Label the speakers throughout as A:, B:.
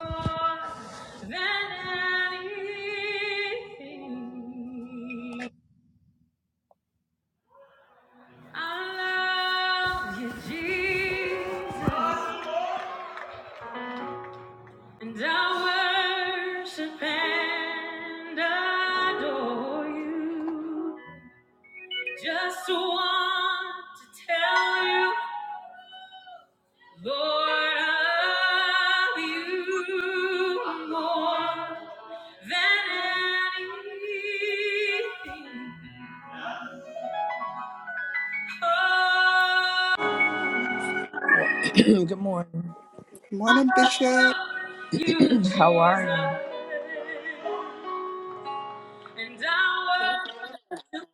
A: More than anything. I love you, Jesus, and I worship and adore you. Just want to tell you, Lord, I love you more than anything. Good morning.
B: Morning, Bishop.
A: How are you? And I will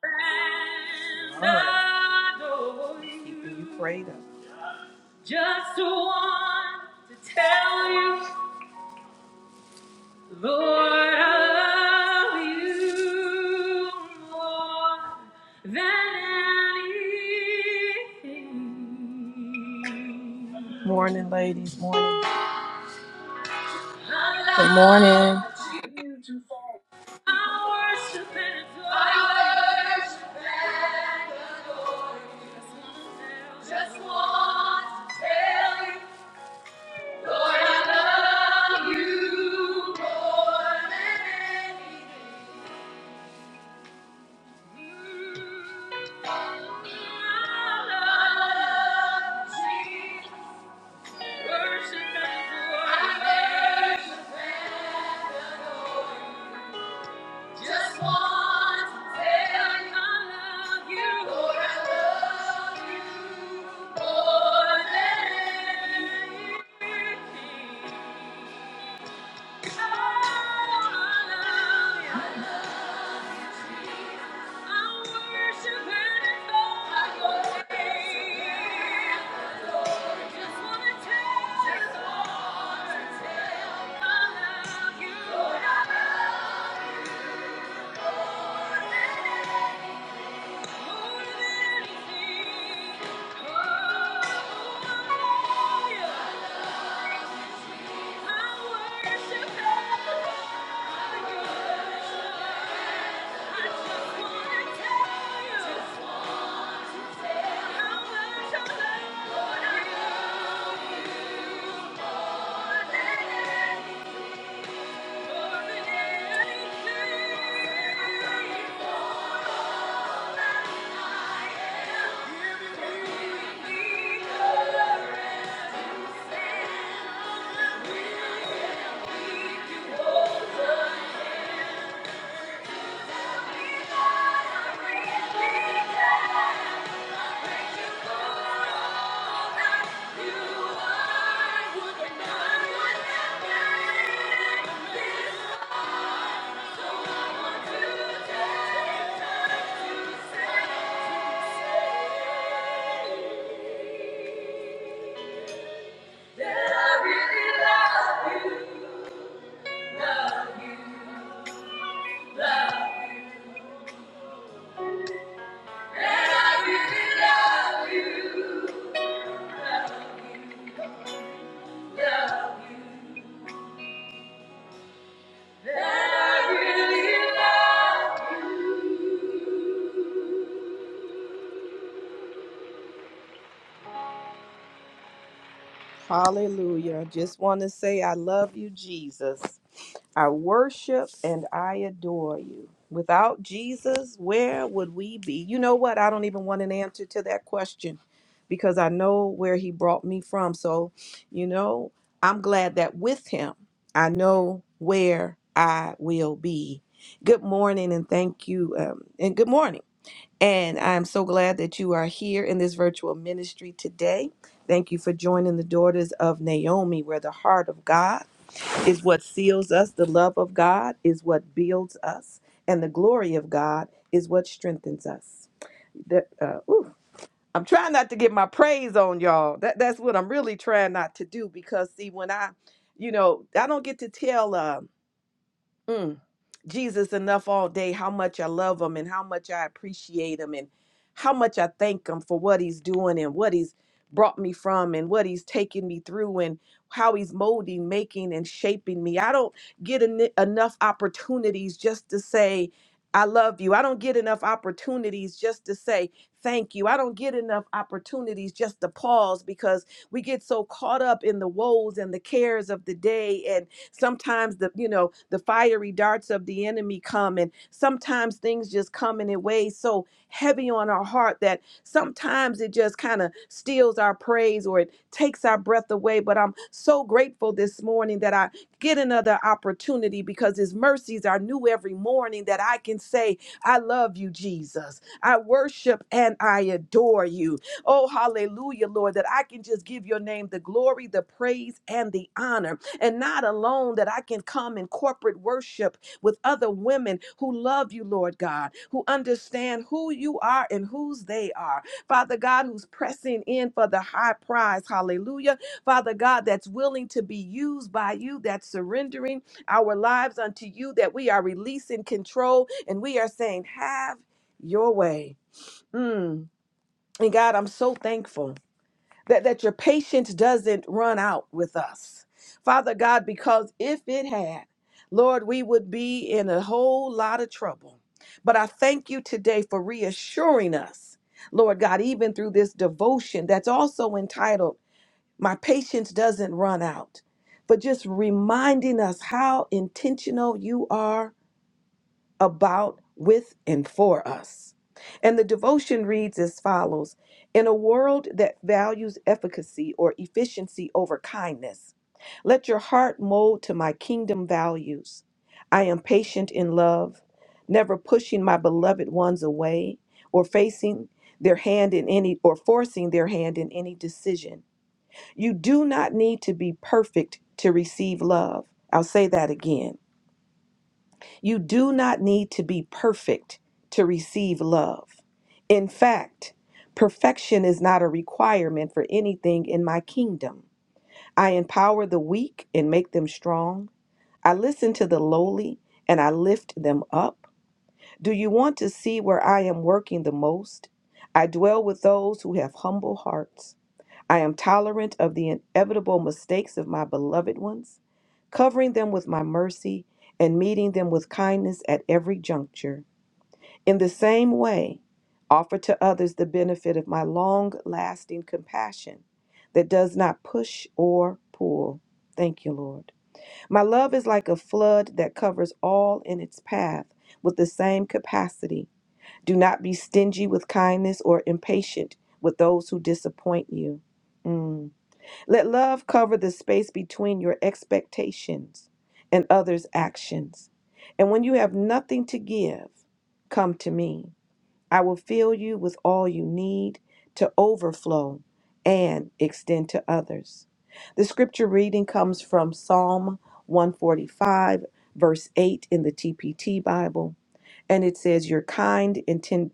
A: stand. All right. adore Keeping you you. prayed up. Just want to tell you, Lord, I love you more than anything. Morning, ladies. Morning. Just
C: Good morning.
A: want to tell you, Lord, I love you more than anything. Worship and adore. I worship and adore. Just want to tell you I love you. Lord, I love you more than anything. Oh, I love you. I love you. I worship and adore your name. Lord, Just wanna tell you, Lord, I love you. Lord, I love you. more than anything. Thank you. That I really love you. Hallelujah. Just want to say I love you, Jesus. I worship and I adore you. Without Jesus, where would we be? You know what? I don't even want an answer to that question because I know where he brought me from. So, you know, I'm glad that with him, I know where I will be. Good morning and thank you. Um, and good morning. And I'm so glad that you are here in this virtual ministry today. Thank you for joining the Daughters of Naomi, where the heart of God is what seals us, the love of God is what builds us, and the glory of God is what strengthens us. That, uh, ooh, I'm trying not to get my praise on y'all. That, that's what I'm really trying not to do because, see, when I, you know, I don't get to tell. Uh, mm, Jesus enough all day, how much I love him and how much I appreciate him and how much I thank him for what he's doing and what he's brought me from and what he's taken me through and how he's molding, making, and shaping me. I don't get en- enough opportunities just to say, I love you. I don't get enough opportunities just to say thank you. I don't get enough opportunities just to pause because we get so caught up in the woes and the cares of the day Sometimes the, you know, the fiery darts of the enemy come and sometimes things just come in a way so heavy on our heart that sometimes it just kind of steals our praise or it takes our breath away. But I'm so grateful this morning that I get another opportunity because his mercies are new every morning that I can say, I love you, Jesus. I worship and I adore you. Oh, hallelujah, Lord, that I can just give your name the glory, the praise, and the honor and not alone that I can come in corporate worship with other women who love you, Lord God, who understand who you are and whose they are. Father God, who's pressing in for the high prize. Hallelujah. Father God, that's willing to be used by you, that's surrendering our lives unto you, that we are releasing control and we are saying, Have your way. Mm. And God, I'm so thankful that, that your patience doesn't run out with us. Father God, because if it had, Lord, we would be in a whole lot of trouble. But I thank you today for reassuring us, Lord God, even through this devotion that's also entitled, My Patience Doesn't Run Out, but just reminding us how intentional you are about, with, and for us. And the devotion reads as follows In a world that values efficacy or efficiency over kindness, let your heart mold to my kingdom values. I am patient in love, never pushing my beloved ones away or facing their hand in any or forcing their hand in any decision. You do not need to be perfect to receive love. I'll say that again. You do not need to be perfect to receive love. In fact, perfection is not a requirement for anything in my kingdom. I empower the weak and make them strong. I listen to the lowly and I lift them up. Do you want to see where I am working the most? I dwell with those who have humble hearts. I am tolerant of the inevitable mistakes of my beloved ones, covering them with my mercy and meeting them with kindness at every juncture. In the same way, offer to others the benefit of my long lasting compassion that does not push or pull. Thank you, Lord. My love is like a flood that covers all in its path with the same capacity. Do not be stingy with kindness or impatient with those who disappoint you. Mm. Let love cover the space between your expectations and others' actions. And when you have nothing to give, come to me. I will fill you with all you need to overflow and extend to others. The scripture reading comes from Psalm 145, verse 8 in the TPT Bible and it says you're kind and ten-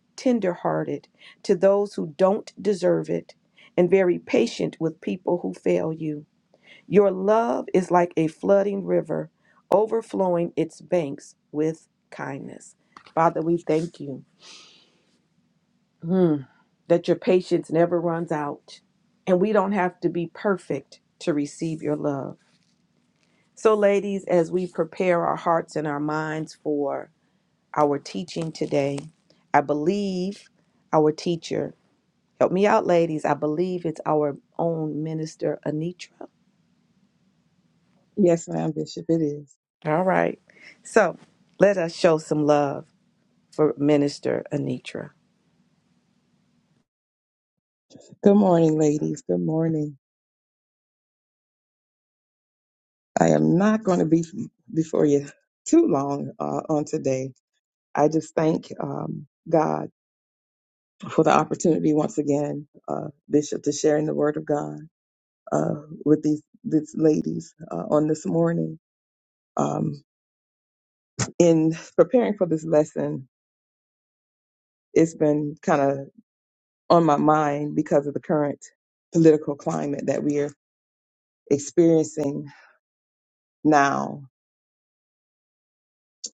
A: hearted to those who don't deserve it and very patient with people who fail you your love is like a flooding river overflowing its banks with kindness father we thank you mm, that your patience never runs out and we don't have to be perfect to receive your love so ladies as we prepare our hearts and our minds for our teaching today. I believe our teacher, help me out, ladies. I believe it's our own minister, Anitra.
D: Yes, ma'am, Bishop, it is.
A: All right. So let us show some love for Minister Anitra.
D: Good morning, ladies. Good morning. I am not going to be before you too long uh, on today. I just thank um, God for the opportunity once again, uh, Bishop, to sharing the Word of God uh, with these these ladies uh, on this morning. Um, in preparing for this lesson, it's been kind of on my mind because of the current political climate that we are experiencing now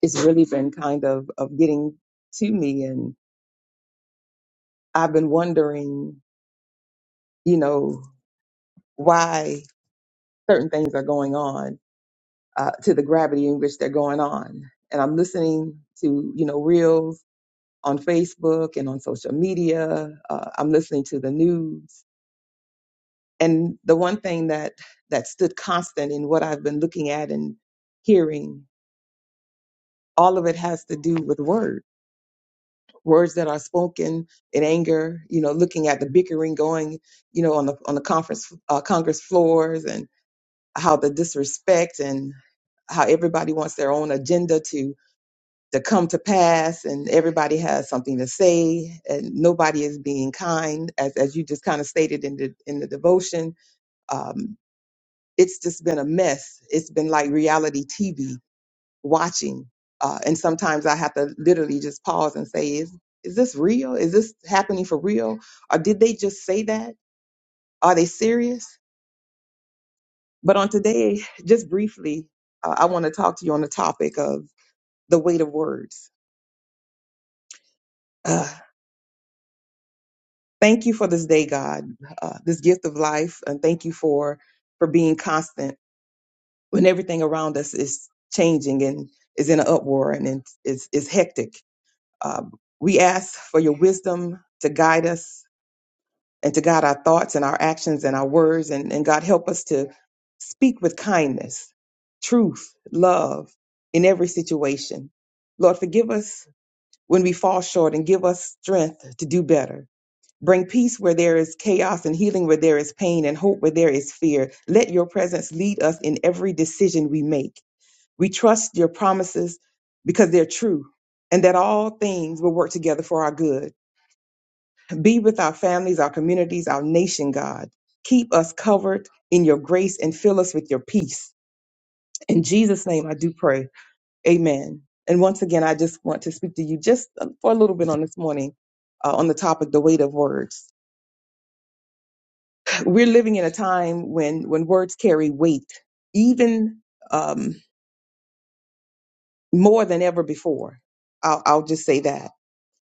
D: it's really been kind of of getting to me and i've been wondering you know why certain things are going on uh, to the gravity in which they're going on and i'm listening to you know reels on facebook and on social media uh, i'm listening to the news and the one thing that that stood constant in what i've been looking at and hearing all of it has to do with words words that are spoken in anger, you know, looking at the bickering going, you know, on the on the conference uh, Congress floors and how the disrespect and how everybody wants their own agenda to to come to pass and everybody has something to say and nobody is being kind as as you just kind of stated in the in the devotion um it's just been a mess it's been like reality tv watching. Uh, and sometimes I have to literally just pause and say, is, is this real? Is this happening for real? Or did they just say that? Are they serious? But on today, just briefly, uh, I want to talk to you on the topic of the weight of words. Uh, thank you for this day, God, uh, this gift of life. And thank you for, for being constant when everything around us is changing and is in an uproar and it's, it's, it's hectic. Uh, we ask for your wisdom to guide us and to God our thoughts and our actions and our words. And, and God, help us to speak with kindness, truth, love in every situation. Lord, forgive us when we fall short and give us strength to do better. Bring peace where there is chaos and healing where there is pain and hope where there is fear. Let your presence lead us in every decision we make. We trust your promises because they're true and that all things will work together for our good be with our families, our communities, our nation, God. Keep us covered in your grace and fill us with your peace. In Jesus' name, I do pray. Amen. And once again, I just want to speak to you just uh, for a little bit on this morning uh, on the topic, the weight of words. We're living in a time when, when words carry weight, even um, more than ever before. I'll, I'll just say that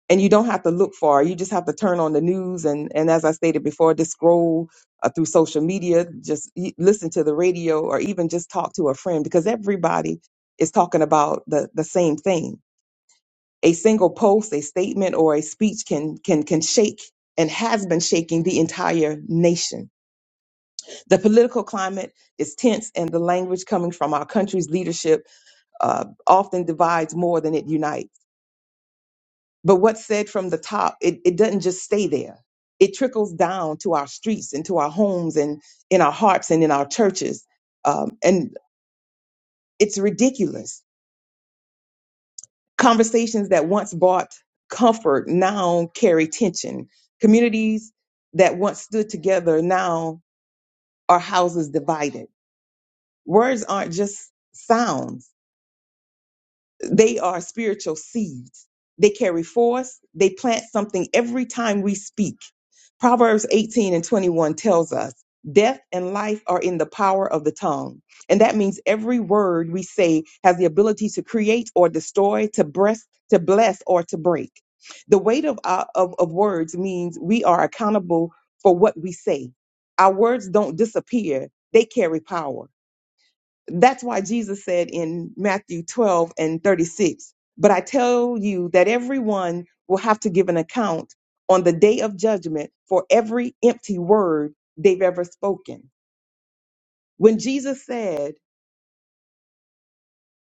D: and you don't have to look far. You just have to turn on the news and and as I stated before, just scroll uh, through social media, just y- listen to the radio, or even just talk to a friend because everybody is talking about the the same thing. A single post, a statement, or a speech can can can shake and has been shaking the entire nation. The political climate is tense, and the language coming from our country's leadership uh, often divides more than it unites. But what's said from the top, it, it doesn't just stay there. It trickles down to our streets and to our homes and in our hearts and in our churches. Um, and it's ridiculous. Conversations that once brought comfort now carry tension. Communities that once stood together now are houses divided. Words aren't just sounds They are spiritual seeds. They carry force. They plant something every time we speak. Proverbs 18 and 21 tells us death and life are in the power of the tongue. And that means every word we say has the ability to create or destroy, to breast, to bless or to break. The weight of, our, of, of words means we are accountable for what we say. Our words don't disappear. They carry power. That's why Jesus said in Matthew 12 and 36, But I tell you that everyone will have to give an account on the day of judgment for every empty word they've ever spoken. When Jesus said,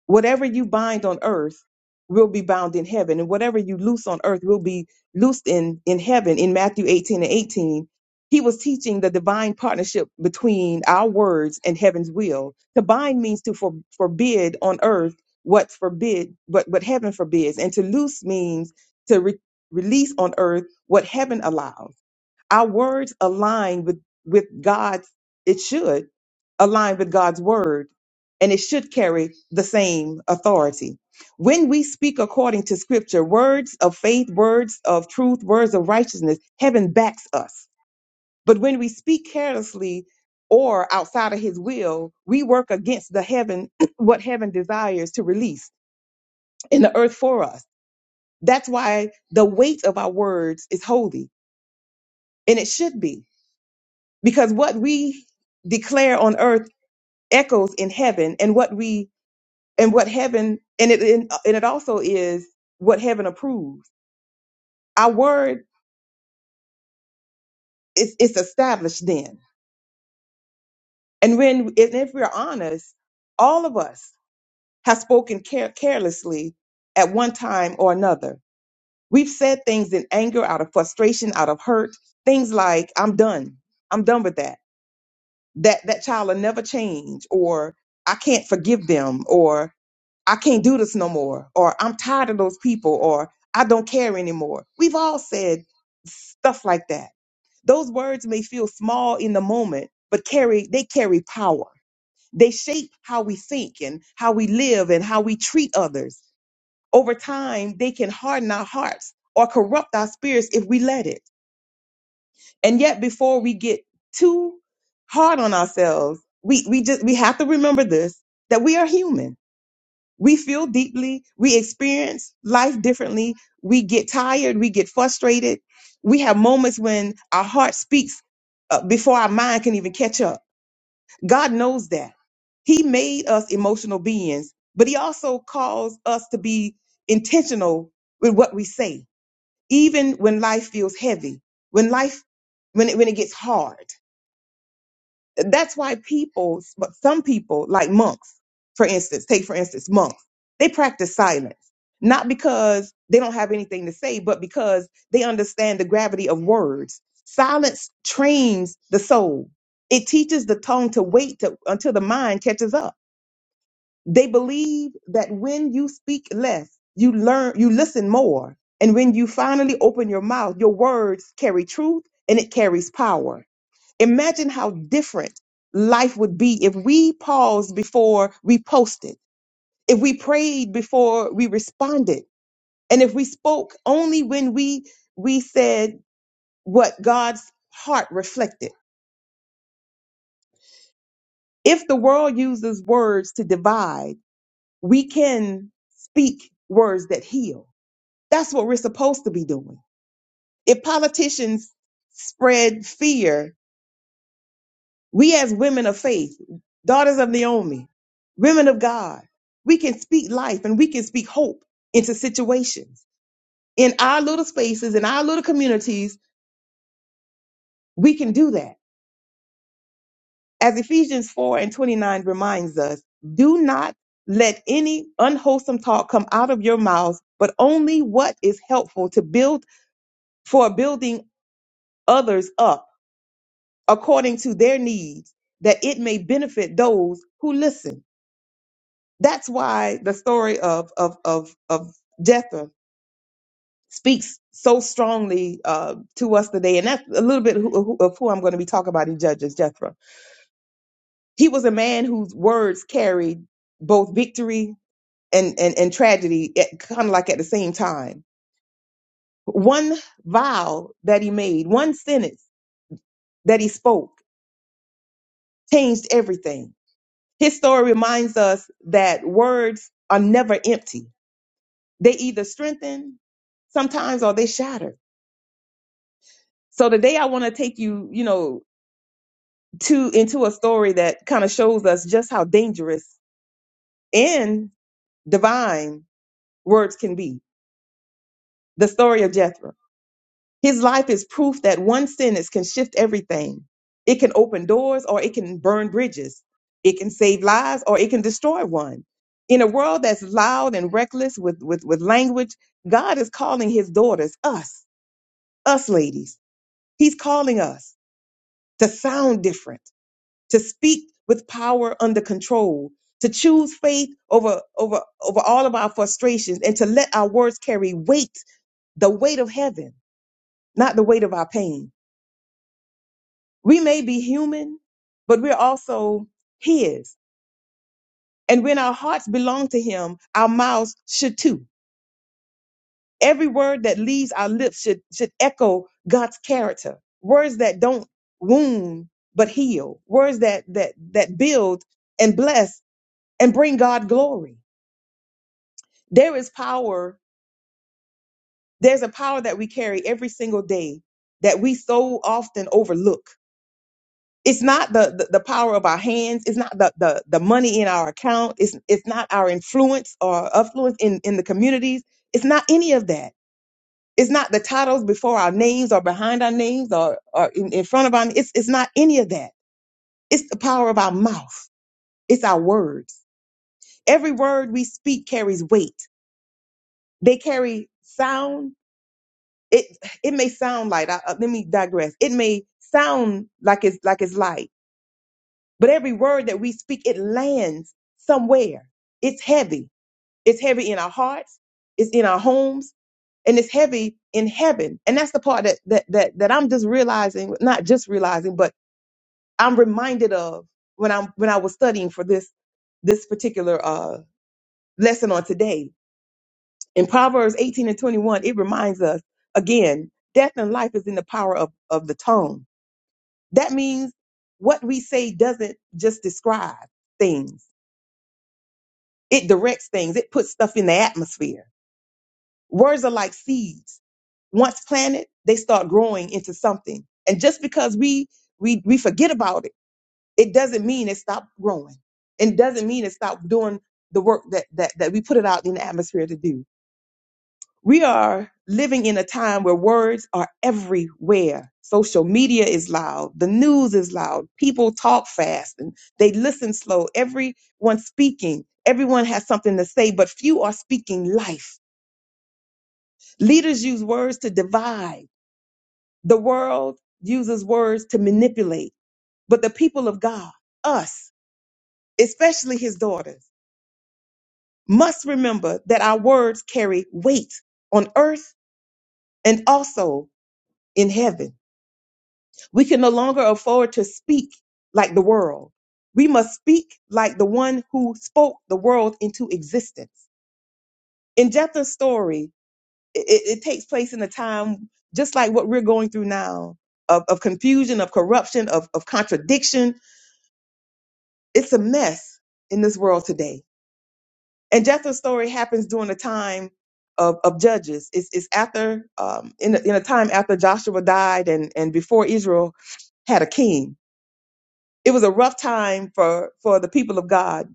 D: Whatever you bind on earth will be bound in heaven, and whatever you loose on earth will be loosed in, in heaven. In Matthew 18 and 18, he was teaching the divine partnership between our words and heaven's will. To bind means to for, forbid on earth what's forbid, but what heaven forbids, and to loose means to re- release on earth what heaven allows. Our words align with, with God's, it should align with God's word and it should carry the same authority. When we speak according to scripture, words of faith, words of truth, words of righteousness, heaven backs us. But when we speak carelessly or outside of his will, we work against the heaven, what heaven desires to release in the earth for us. That's why the weight of our words is holy, and it should be. because what we declare on earth echoes in heaven and what we and what heaven and it and, and it also is what heaven approves our word is it's established then and when and if we're honest all of us have spoken care, carelessly at one time or another we've said things in anger out of frustration out of hurt things like i'm done i'm done with that that that child will never change or i can't forgive them or I can't do this no more, or I'm tired of those people, or I don't care anymore. We've all said stuff like that. Those words may feel small in the moment, but carry they carry power. They shape how we think and how we live and how we treat others. Over time, they can harden our hearts or corrupt our spirits if we let it. And yet before we get too hard on ourselves, we, we just we have to remember this that we are human we feel deeply. We experience life differently. We get tired. We get frustrated. We have moments when our heart speaks uh, before our mind can even catch up. God knows that. He made us emotional beings, but He also calls us to be intentional with what we say, even when life feels heavy, when life, when it, when it gets hard that's why people, but some people, like monks, for instance, take for instance monks, they practice silence, not because they don't have anything to say, but because they understand the gravity of words. Silence trains the soul. It teaches the tongue to wait to, until the mind catches up. They believe that when you speak less, you learn, you listen more. And when you finally open your mouth, your words carry truth and it carries power Imagine how different life would be if we paused before we posted, if we prayed before we responded, and if we spoke only when we we said what God's heart reflected. If the world uses words to divide, we can speak words that heal. That's what we're supposed to be doing. If politicians spread fear We as women of faith, daughters of Naomi, women of God, we can speak life and we can speak hope into situations. In our little spaces, in our little communities, we can do that. As Ephesians 4 and 29 reminds us, do not let any unwholesome talk come out of your mouths, but only what is helpful to build for building others up according to their needs, that it may benefit those who listen. That's why the story of of of of Jether speaks so strongly uh, to us today, and that's a little bit who, who, of who I'm going to be talking about in Judges. Jethro. He was a man whose words carried both victory and and, and tragedy, kind of like at the same time. One vow that he made, one sentence that he spoke, changed everything. His story reminds us that words are never empty. They either strengthen sometimes or they shatter So today I want to take you, you know, to into a story that kind of shows us just how dangerous and divine words can be. The story of Jethro. His life is proof that one sentence can shift everything. It can open doors or it can burn bridges. It can save lives or it can destroy one. In a world that's loud and reckless with, with, with language, God is calling his daughters, us, us ladies. He's calling us to sound different to speak with power under control, to choose faith over, over, over all of our frustrations, and to let our words carry weight, the weight of heaven, not the weight of our pain. We may be human, but we're also His. And when our hearts belong to Him, our mouths should too. Every word that leaves our lips should, should echo God's character. Words that don't wound, but heal. Words that, that, that build and bless and bring God glory. There is power. There's a power that we carry every single day that we so often overlook. It's not the, the, the power of our hands. It's not the, the, the money in our account. It's, it's not our influence or affluence in, in the communities. It's not any of that. It's not the titles before our names or behind our names or, or in, in front of our it's it's not any of that. It's the power of our mouth. It's our words. Every word we speak carries weight. They carry sound it it may sound light. I, uh, let me digress. It may sound like it's like it's light, but every word that we speak, it lands somewhere. It's heavy. It's heavy in our hearts. It's in our homes, and it's heavy in heaven. And that's the part that that that that I'm just realizing, not just realizing, but I'm reminded of when I'm when I was studying for this this particular uh, lesson on today. In Proverbs 18 and 21, it reminds us again, death and life is in the power of, of the tongue That means what we say doesn't just describe things, it directs things, it puts stuff in the atmosphere. Words are like seeds. Once planted, they start growing into something. And just because we we we forget about it, it doesn't mean it stopped growing. It doesn't mean it stopped doing the work that that, that we put it out in the atmosphere to do. We are living in a time where words are everywhere. Social media is loud. The news is loud. People talk fast and they listen slow. Everyone's speaking. Everyone has something to say, but few are speaking life. Leaders use words to divide. The world uses words to manipulate. But the people of God, us, especially his daughters, must remember that our words carry weight on earth and also in heaven. We can no longer afford to speak like the world. We must speak like the one who spoke the world into existence. In Jephthah's story, it, it takes place in a time just like what we're going through now of, of confusion, of corruption, of, of contradiction. It's a mess in this world today. And Jephthah's story happens during a time of, of judges. It's, it's after, um, in, a, in a time after Joshua died and, and before Israel had a king it was a rough time for for the people of God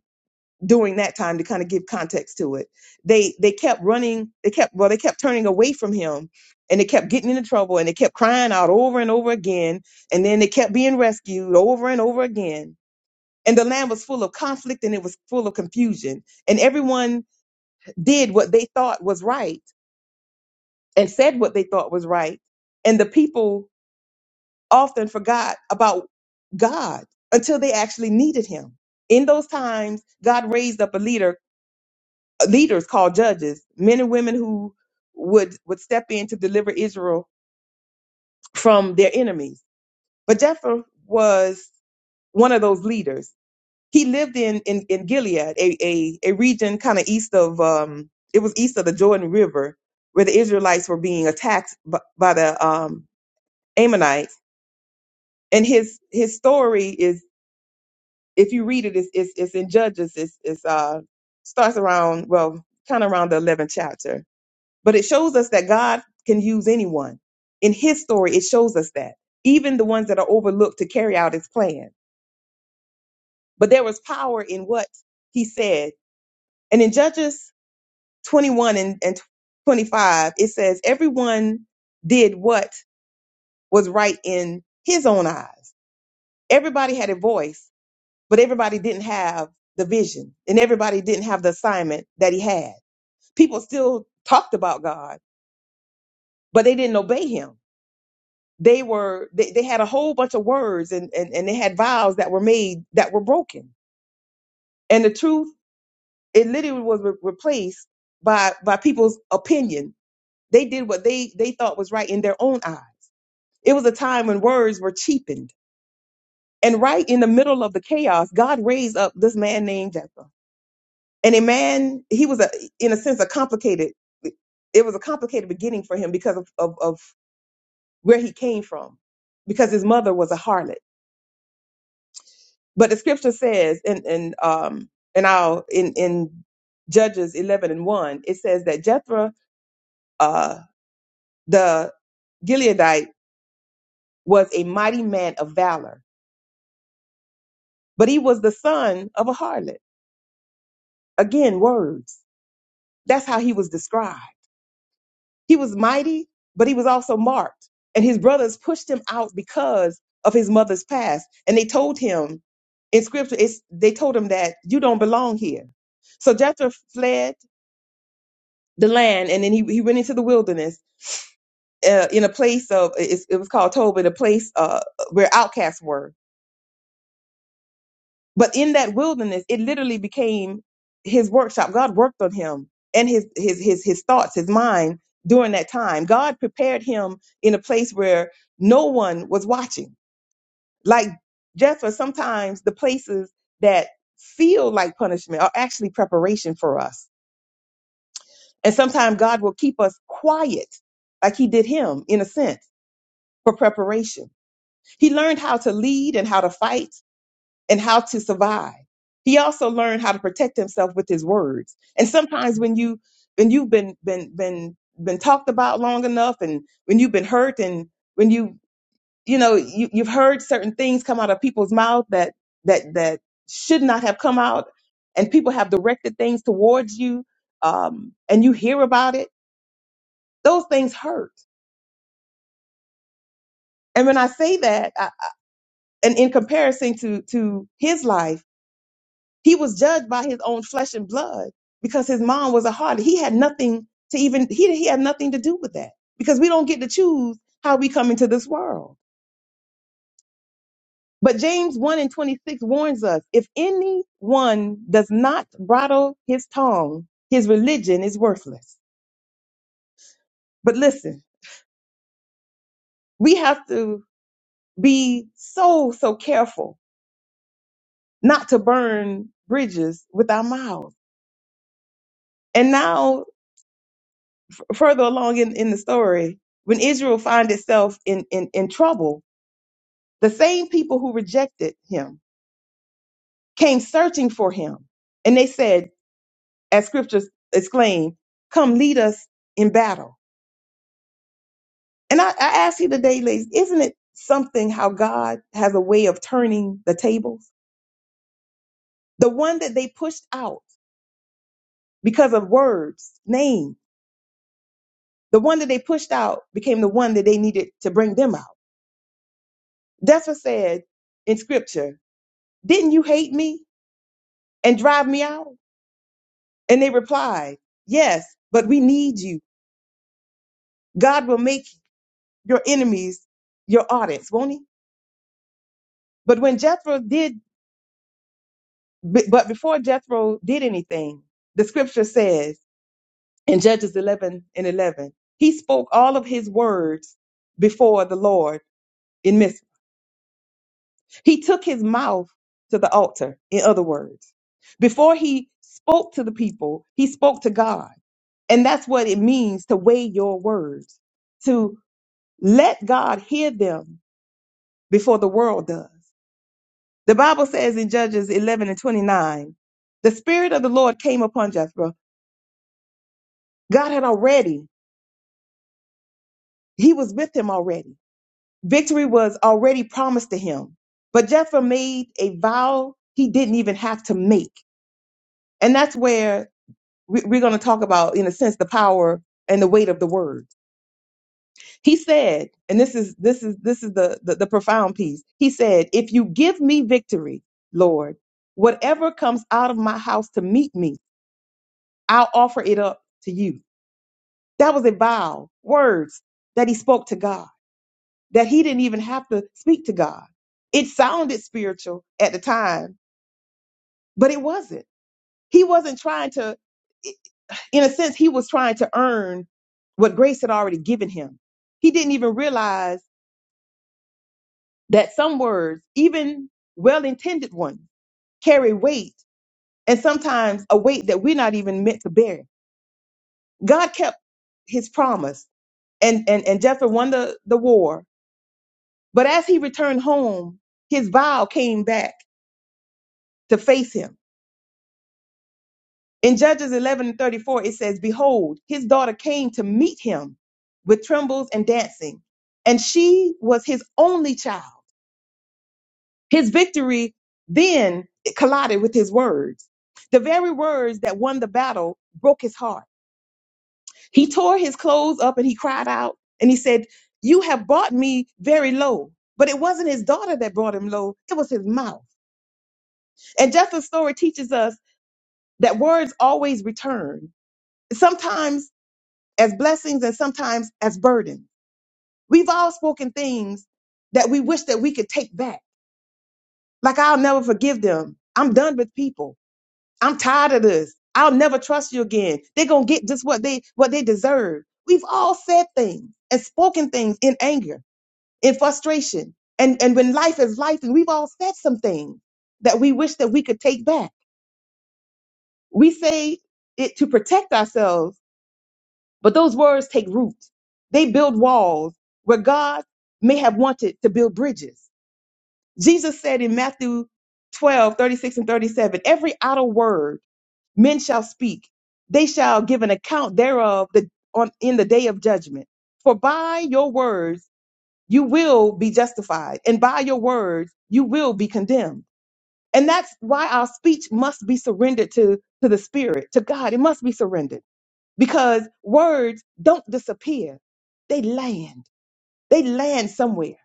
D: during that time to kind of give context to it. They they kept running, they kept well, they kept turning away from him and they kept getting into trouble and they kept crying out over and over again and then they kept being rescued over and over again. And the land was full of conflict and it was full of confusion. And everyone did what they thought was right and said what they thought was right. And the people often forgot about God until they actually needed him. In those times, God raised up a leader, uh, leaders called judges, men and women who would, would step in to deliver Israel from their enemies. But Jephthah was one of those leaders. He lived in, in, in Gilead, a, a, a region kind of east of, um, it was east of the Jordan River where the Israelites were being attacked by, by the um, Ammonites. And his, his story is if you read it, it's it's, it's in Judges. It's it's uh starts around well, kind of around the eleventh chapter. But it shows us that God can use anyone. In His story, it shows us that even the ones that are overlooked to carry out His plan. But there was power in what He said. And in Judges twenty one and, and twenty five, it says everyone did what was right in His own eyes. Everybody had a voice but everybody didn't have the vision and everybody didn't have the assignment that he had. People still talked about God, but they didn't obey him. They were they, they had a whole bunch of words and, and and they had vows that were made that were broken. And the truth it literally was re- replaced by by people's opinion. They did what they they thought was right in their own eyes. It was a time when words were cheapened. And right in the middle of the chaos, God raised up this man named Jephthah and a man he was a in a sense a complicated it was a complicated beginning for him because of, of, of where he came from because his mother was a harlot but the scripture says and and um and i'll in in judges 11 and 1 it says that jethro uh the gileadite was a mighty man of valor but he was the son of a harlot again words that's how he was described He was mighty, but he was also marked. And his brothers pushed him out because of his mother's past. And they told him in scripture, it's, they told him that you don't belong here. So Jethro fled the land and then he, he went into the wilderness uh, in a place of, it's, it was called Tob, a place uh, where outcasts were But in that wilderness, it literally became his workshop. God worked on him and his his his his thoughts, his mind during that time. God prepared him in a place where no one was watching. Like Jephthah, sometimes the places that feel like punishment are actually preparation for us. And sometimes God will keep us quiet, like he did him in a sense, for preparation. He learned how to lead and how to fight and how to survive. He also learned how to protect himself with his words. And sometimes when you when you've been been been been talked about long enough and when you've been hurt and when you you know you, you've heard certain things come out of people's mouth that that that should not have come out and people have directed things towards you um, and you hear about it those things hurt and when i say that I, and in comparison to to his life He was judged by his own flesh and blood because his mom was a harlot. He had nothing to even, he, he had nothing to do with that because we don't get to choose how we come into this world. But James 1 and 26 warns us if anyone does not bridle his tongue, his religion is worthless. But listen, we have to be so, so careful not to burn bridges with our mouths. And now further along in, in the story, when Israel find itself in, in, in trouble, the same people who rejected him came searching for him. And they said, as scriptures exclaim, come lead us in battle. And I, I ask you today, ladies, isn't it something how God has a way of turning the tables? The one that they pushed out because of words, name, the one that they pushed out became the one that they needed to bring them out. That's what said in scripture. Didn't you hate me? and drive me out? And they replied, Yes, but we need you. God will make your enemies your audience, won't he? But when Jethro did, but before Jethro did anything, the scripture says in Judges 11 and 11, he spoke all of his words before the Lord in Miss. He took his mouth to the altar, in other words. Before he spoke to the people, he spoke to God. And that's what it means to weigh your words to. Let God hear them before the world does. The Bible says in Judges 11 and 29, the Spirit of the Lord came upon Jethro. God had already, he was with him already. Victory was already promised to him. But Jethro made a vow he didn't even have to make. And that's where we- we're going to talk about, in a sense, the power and the weight of the word. He said, and this is this is this is the, the the profound piece. He said, "If you give me victory, Lord, whatever comes out of my house to meet me, I'll offer it up to you." That was a vow, words that he spoke to God that he didn't even have to speak to God. It sounded spiritual at the time, but it wasn't. He wasn't trying to in a sense he was trying to earn what grace had already given him. He didn't even realize that some words, even well intended ones, carry weight and sometimes a weight that we're not even meant to bear. God kept his promise and, and, and Jephthah won the, the war. But as he returned home, his vow came back to face him. In Judges 11 and 34, it says, Behold, his daughter came to meet him with trembles and dancing, and she was his only child. His victory then collided with his words. The very words that won the battle broke his heart. He tore his clothes up and he cried out and he said, You have brought me very low. But it wasn't his daughter that brought him low, it was his mouth. And Jethro's story teaches us that words always return, sometimes as blessings and sometimes as burdens. We've all spoken things that we wish that we could take back. Like, I'll never forgive them. I'm done with people. I'm tired of this. I'll never trust you again. They're gonna get just what they what they deserve. We've all said things and spoken things in anger, in frustration, and and when life is life, and we've all said some things that we wish that we could take back. We say it to protect ourselves, but those words take root. They build walls where God may have wanted to build bridges. Jesus said in Matthew 12:36 and 37, every idle word men shall speak they shall give an account thereof the, on, in the day of judgment for by your words you will be justified and by your words you will be condemned and that's why our speech must be surrendered to to the spirit to god it must be surrendered because words don't disappear they land they land somewhere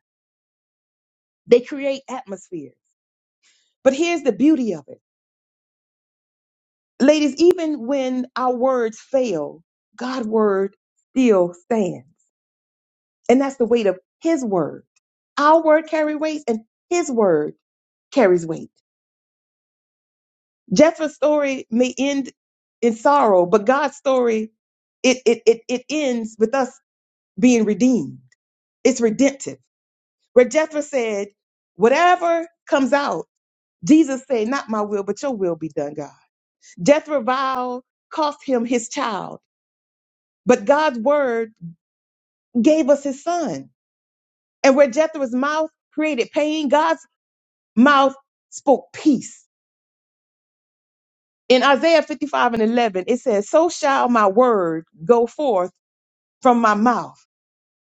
D: they create atmospheres but here's the beauty of it Ladies, even when our words fail, God's word still stands. And that's the weight of his word. Our word carry weight and his word carries weight. Jethro's story may end in sorrow, but God's story, it, it, it, it ends with us being redeemed. It's redemptive. Where Jethro said, whatever comes out, Jesus said, not my will, but your will be done, God. Jethro vow cost him his child, but God's word gave us his son. And where Jethro's mouth created pain, God's mouth spoke peace. In Isaiah 55 and 11, it says, So shall my word go forth from my mouth.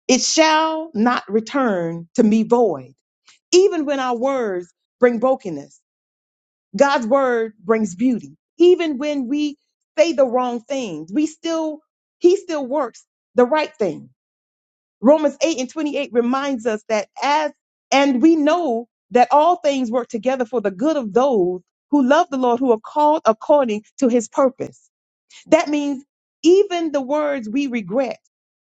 D: It shall not return to me void. Even when our words bring brokenness, God's word brings beauty. Even when we say the wrong things, we still, he still works the right thing. Romans 8 and 28 reminds us that as, and we know that all things work together for the good of those who love the Lord, who are called according to his purpose. That means even the words we regret,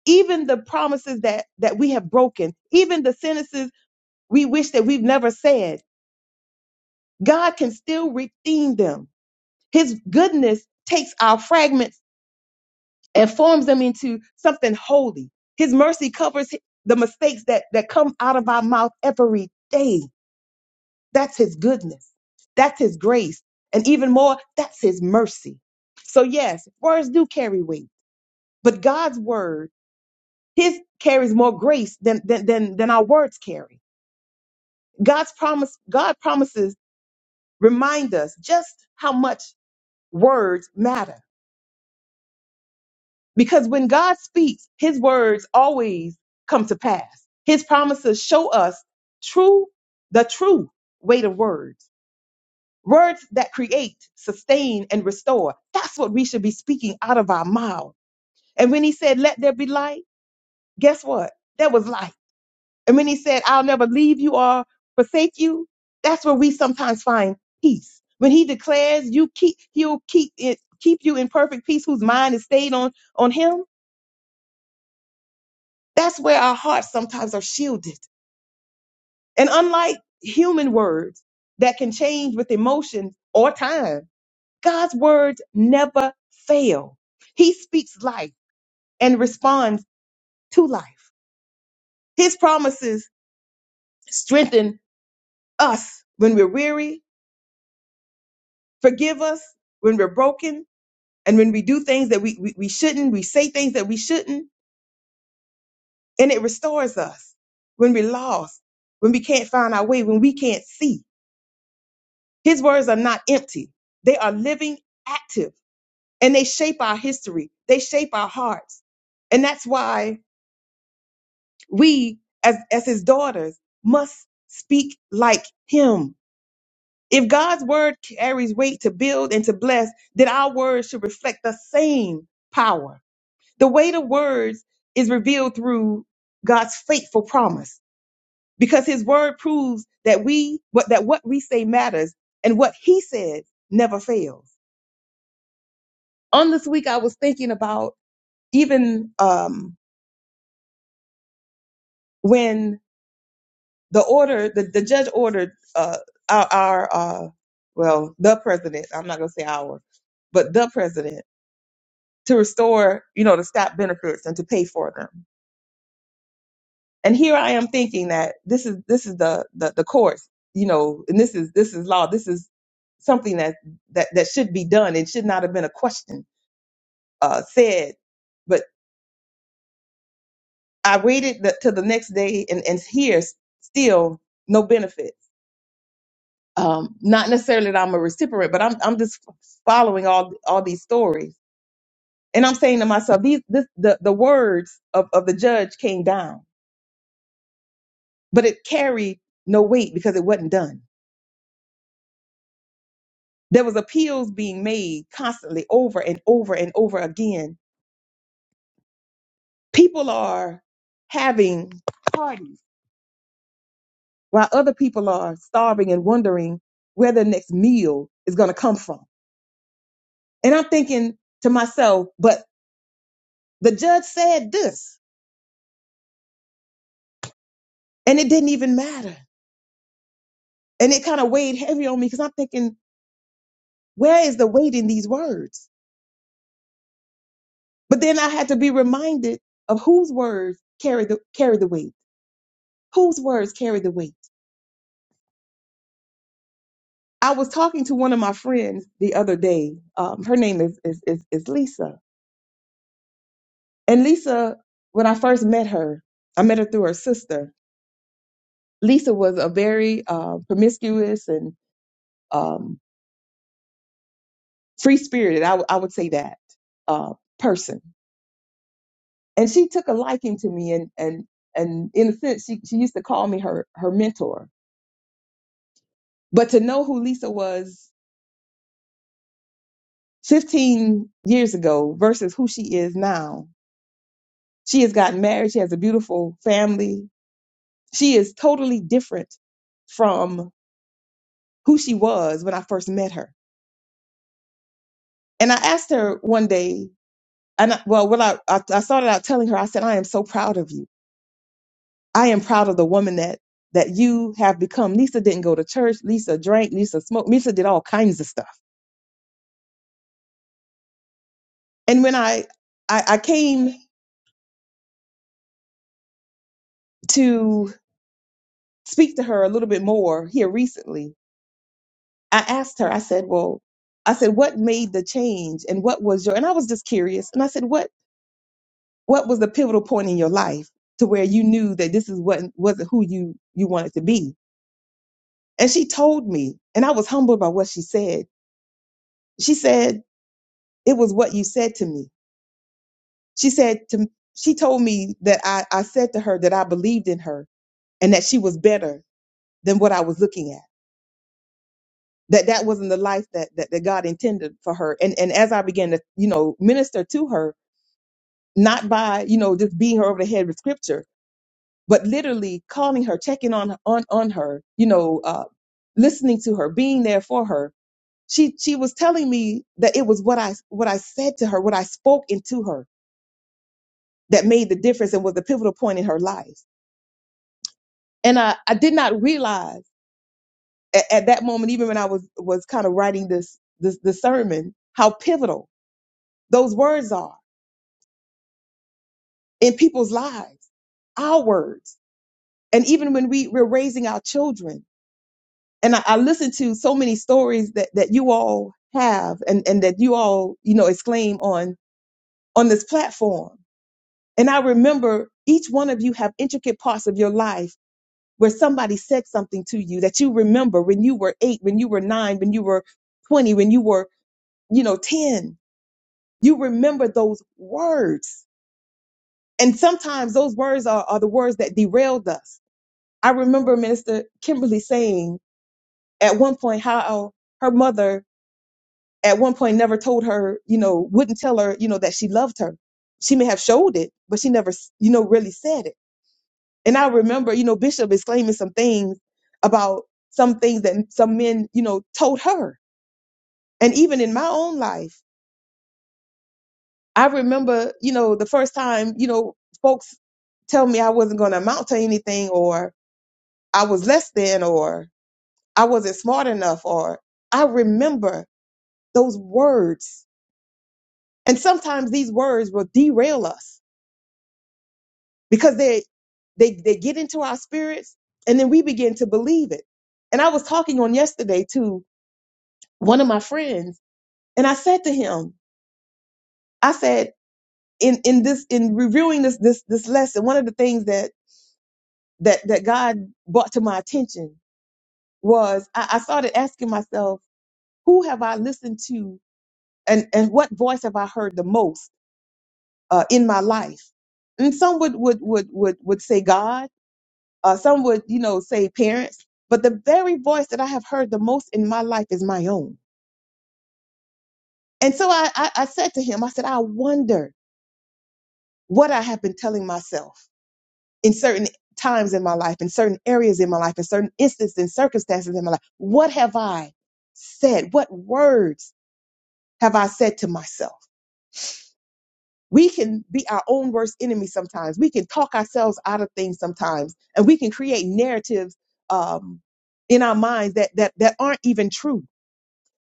D: even the promises that, that we have broken, even the sentences we wish that we've never said, God can still redeem them. His goodness takes our fragments and forms them into something holy. His mercy covers the mistakes that, that come out of our mouth every day. That's his goodness. That's his grace. And even more, that's his mercy. So yes, words do carry weight, but God's word, his carries more grace than, than, than, than our words carry. God's promise, God promises remind us just how much words matter Because when God speaks, his words always come to pass. His promises show us true, the true weight of words. Words that create, sustain, and restore. That's what we should be speaking out of our mouth. And when he said, let there be light, guess what? There was light. And when he said, I'll never leave you or forsake you, that's where we sometimes find peace. When he declares you keep, he'll keep it, keep you in perfect peace whose mind is stayed on, on him That's where our hearts sometimes are shielded. And unlike human words that can change with emotions or time, God's words never fail. He speaks life and responds to life. His promises strengthen us when we're weary, forgive us when we're broken, and when we do things that we, we, we shouldn't, we say things that we shouldn't, and it restores us when we're lost, when we can't find our way, when we can't see. His words are not empty. They are living, active, and they shape our history. They shape our hearts. And that's why we, as, as his daughters, must speak like him. If God's word carries weight to build and to bless, then our words should reflect the same power. The weight of words is revealed through God's faithful promise because his word proves that we, what, that what we say matters and what he says never fails. on this week I was thinking about even um, when the order the, the judge ordered uh, our, our uh, well the president I'm not gonna say our but the president to restore you know to stop benefits and to pay for them and here I am thinking that this is this is the the, the courts you know and this is this is law this is something that that that should be done it should not have been a question uh, said I waited the, till the next day and, and here s- still no benefits. Um, not necessarily that I'm a recipient, but I'm I'm just following all all these stories. And I'm saying to myself, these this the, the words of, of the judge came down, but it carried no weight because it wasn't done. There was appeals being made constantly over and over and over again. People are having parties while other people are starving and wondering where their next meal is going to come from And I'm thinking to myself, but the judge said this, and it didn't even matter. And it kind of weighed heavy on me because I'm thinking, where is the weight in these words? But then I had to be reminded of whose words carry the carry the weight. Whose words carry the weight? I was talking to one of my friends the other day. Um, her name is, is is is Lisa. And Lisa, when I first met her, I met her through her sister. Lisa was a very uh, promiscuous and um, free spirited. I w- I would say that uh, person. And she took a liking to me, and and and in a sense, she she used to call me her her mentor. But to know who Lisa was 15 years ago versus who she is now, she has gotten married. She has a beautiful family. She is totally different from who she was when I first met her. And I asked her one day, and I, well, when I, I I started out telling her, I said, I am so proud of you. I am proud of the woman that that you have become. Lisa didn't go to church. Lisa drank. Lisa smoked. Lisa did all kinds of stuff. And when I I, I came to speak to her a little bit more here recently, I asked her. I said, "Well, I said, what made the change, and what was your?" And I was just curious. And I said, "What what was the pivotal point in your life to where you knew that this is what wasn't who you you wanted to be?" And she told me, and I was humbled by what she said. She said, "It was what you said to me." She said to she told me that I, I said to her that I believed in her and that she was better than what I was looking at. That that wasn't the life that, that, that God intended for her. And and as I began to, you know, minister to her, not by, you know, just beating her over the head with scripture, but literally calling her, checking on on on her, you know, uh, listening to her, being there for her. She she was telling me that it was what I what I said to her, what I spoke into her that made the difference and was the pivotal point in her life and I, I did not realize at, at that moment, even when I was was kind of writing this this the sermon, how pivotal those words are in people's lives, our words, and even when we we're raising our children. And I, I listened to so many stories that that you all have, and and that you all you know exclaim on on this platform. And I remember each one of you have intricate parts of your life where somebody said something to you that you remember when you were eight, when you were nine, when you were 20, when you were you know, 10, you remember those words. And sometimes those words are, are the words that derailed us. I remember Minister Kimberly saying at one point how her mother at one point never told her, you know, wouldn't tell her, you know, that she loved her. She may have showed it, but she never, you know, really said it. And I remember, you know, Bishop is claiming some things about some things that some men, you know, told her. And even in my own life, I remember, you know, the first time, you know, folks tell me I wasn't going to amount to anything or I was less than or I wasn't smart enough or I remember those words. And sometimes these words will derail us because they they they get into our spirits and then we begin to believe it. And I was talking on yesterday to one of my friends and I said to him, I said in in this in reviewing this this this lesson, one of the things that that that God brought to my attention was I, I started asking myself, who have I listened to, and and what voice have I heard the most uh, in my life? And some would would would would would say God, uh, some would you know say parents, but the very voice that I have heard the most in my life is my own. And so I I, I said to him, I said, I wonder what I have been telling myself. in certain times in my life, in certain areas in my life, in certain instances and circumstances in my life? What have I said? What words have I said to myself? We can be our own worst enemy sometimes. We can talk ourselves out of things sometimes, and we can create narratives um, in our minds that that that aren't even true.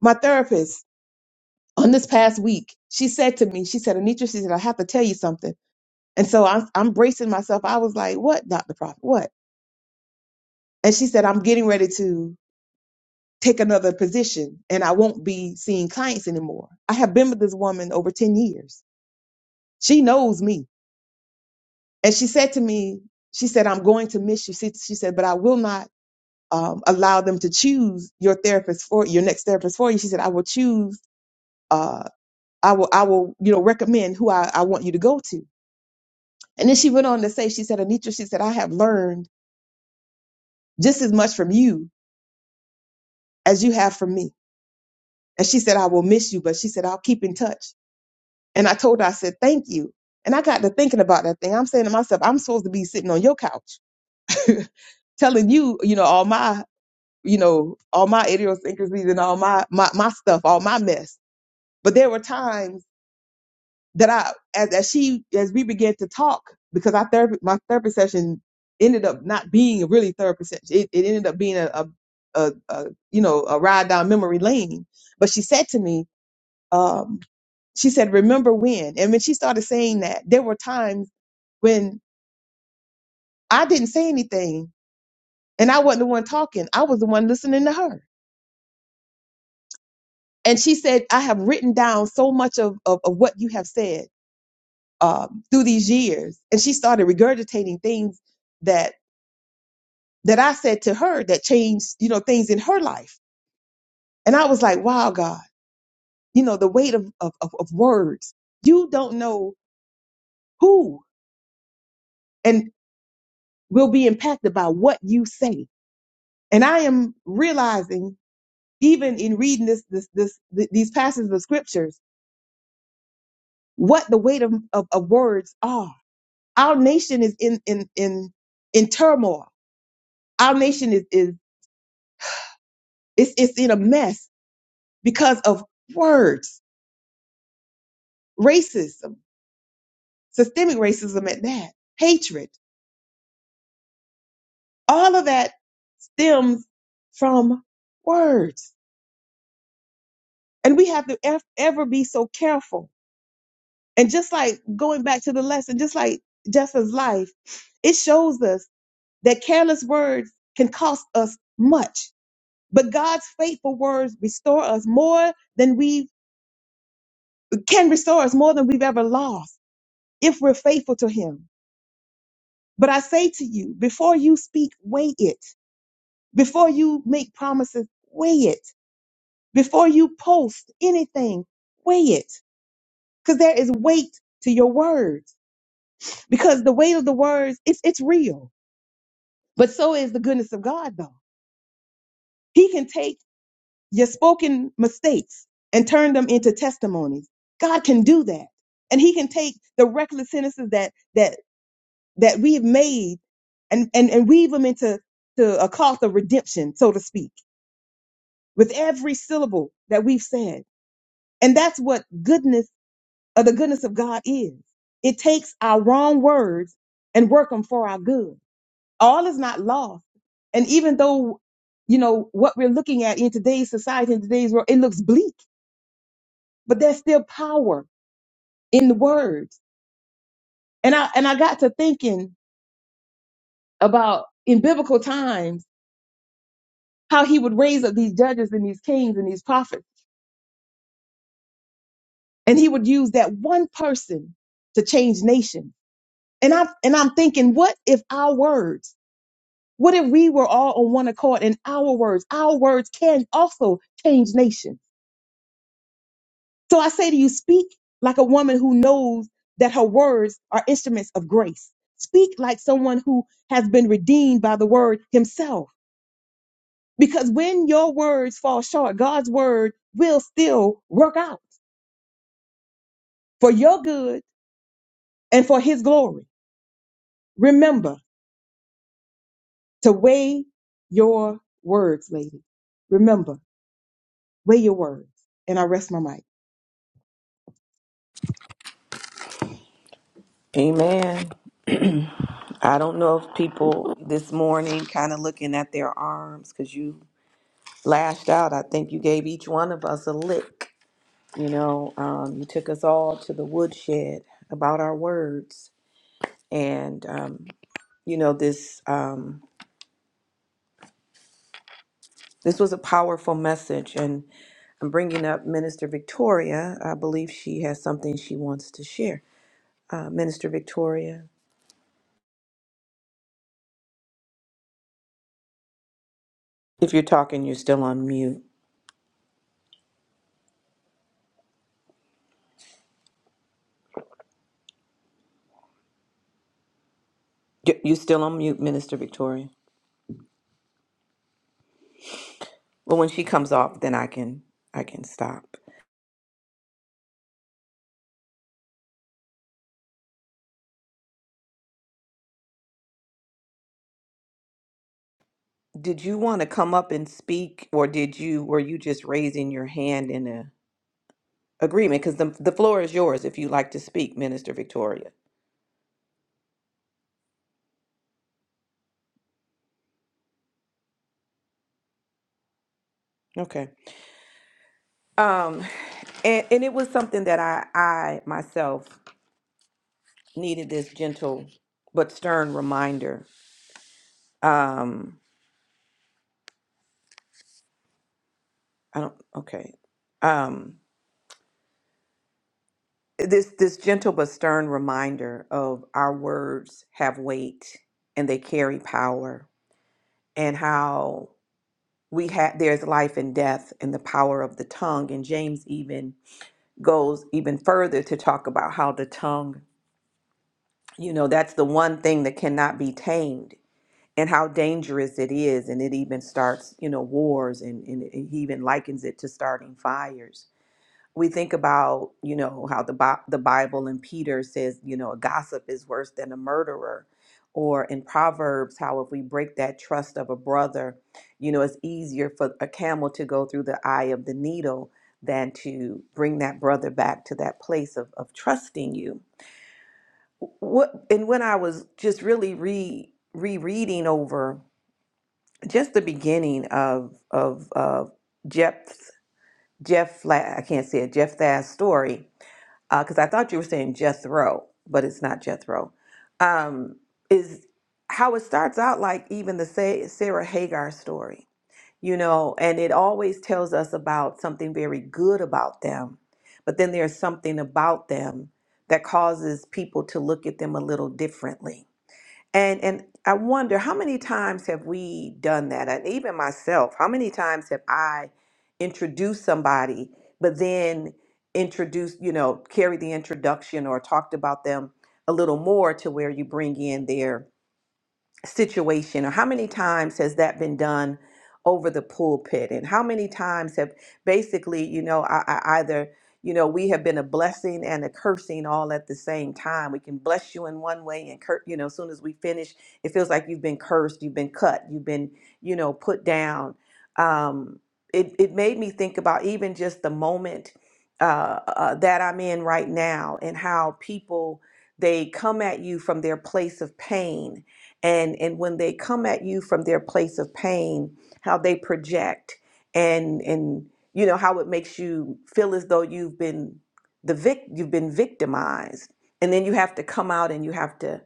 D: My therapist on this past week, she said to me, she said, Anitra, she said, I have to tell you something. And so I'm, I'm bracing myself. I was like, what, Dr. Prophet? What? And she said, I'm getting ready to. take another position and I won't be seeing clients anymore. I have been with this woman over 10 years. She knows me. And she said to me, she said, I'm going to miss you. She, she said, but I will not um, allow them to choose your therapist for your next therapist for you. She said, I will choose, uh, I will, I will, you know, recommend who I, I want you to go to. And then she went on to say, she said, Anitra, she said, I have learned just as much from you as you have from me. And she said, I will miss you, but she said, I'll keep in touch. And I told her, I said, thank you. And I got to thinking about that thing. I'm saying to myself, I'm supposed to be sitting on your couch telling you, you know, all my, you know, all my idiosyncrasies and all my, my, my stuff, all my mess. But there were times that I, as, as she, as we began to talk, because our therapy, my therapy session ended up not being a really therapy session. It, it ended up being a, a, a, a, you know, a ride down memory lane. But she said to me, um, she said, remember when? And when she started saying that, there were times when I didn't say anything and I wasn't the one talking. I was the one listening to her. And she said, I have written down so much of, of, of what you have said um, through these years. And she started regurgitating things that that I said to her that changed, you know, things in her life. And I was like, wow, God, you know, the weight of, of, of of words. You don't know who and will be impacted by what you say And I am realizing, even in reading this, this, this, th- these passages of scriptures, what the weight of, of, of words are. Our nation is in, in, in, in turmoil. Our nation is, is, it's, it's in a mess because of words, racism, systemic racism at that, hatred. All of that stems from words. And we have to ev- ever be so careful And just like going back to the lesson, just like Justin's life, it shows us that careless words can cost us much. But God's faithful words restore us more than we can restore us more than we've ever lost if we're faithful to Him. But I say to you, before you speak, weigh it. Before you make promises, weigh it. Before you post anything, weigh it. Because there is weight to your words. Because the weight of the words, it's, it's real But so is the goodness of God, though. He can take your spoken mistakes and turn them into testimonies. God can do that. And he can take the reckless sentences that that that we've made and, and, and weave them into to a cloth of redemption, so to speak, with every syllable that we've said. And that's what goodness or the goodness of God is. It takes our wrong words and work them for our good. all is not lost. And even though, you know, what we're looking at in today's society, in today's world, it looks bleak, but there's still power in the words. And I, and I got to thinking about in biblical times, how he would raise up these judges and these kings and these prophets, and he would use that one person to change nations. And I, and I'm thinking, what if our words, what if we were all on one accord and our words, our words can also change nations? So I say to you, speak like a woman who knows that her words are instruments of grace. Speak like someone who has been redeemed by the word himself. Because when your words fall short, God's word will still work out for your good and for his glory. Remember to weigh your words, lady. Remember, weigh your words. And I rest my mic.
A: Amen. I don't know if people this morning kind of looking at their arms because you lashed out. I think you gave each one of us a lick. You know, um, you took us all to the woodshed about our words. And, um, you know, this. Um, This was a powerful message, and I'm bringing up Minister Victoria. I believe she has something she wants to share. Uh, Minister Victoria, if you're talking, you're still on mute. Y- You're still on mute, Minister Victoria. Well, when she comes off, then I can I can stop. Did you want to come up and speak, or did you were you just raising your hand in a agreement? Because the the floor is yours if you like to speak, Minister Victoria. Okay. Um, and, and it was something that I I myself needed this gentle but stern reminder. Um, I don't. Okay. Um, this this gentle but stern reminder of our words have weight and they carry power, and how we have there's life and death in the power of the tongue. And James even goes even further to talk about how the tongue, you know, that's the one thing that cannot be tamed and how dangerous it is and it even starts you know wars and, and he even likens it to starting fires we think about you know how the, Bi- the bible and peter says you know a gossip is worse than a murderer or in proverbs how if we break that trust of a brother you know it's easier for a camel to go through the eye of the needle than to bring that brother back to that place of, of trusting you what and when i was just really re rereading over just the beginning of of uh, Jeff Jeff Fla- I can't say it Jephthah's story because I thought you were saying Jethro, but it's not Jethro. Um, is how it starts out like even the Sa- Sarah Hagar story, you know, and it always tells us about something very good about them, but then there's something about them that causes people to look at them a little differently and and I wonder how many times have we done that? And even myself, how many times have I introduced somebody, but then introduced, you know, carried the introduction or talked about them a little more to where you bring in their situation or how many times has that been done over the pulpit and how many times have basically you know I, I either you know we have been a blessing and a cursing all at the same time we can bless you in one way and cur- you know as soon as we finish it feels like you've been cursed you've been cut you've been you know put down um it, it made me think about even just the moment uh, uh, that i'm in right now and how people they come at you from their place of pain and and when they come at you from their place of pain how they project and and you know how it makes you feel as though you've been the vic you've been victimized and then you have to come out and you have to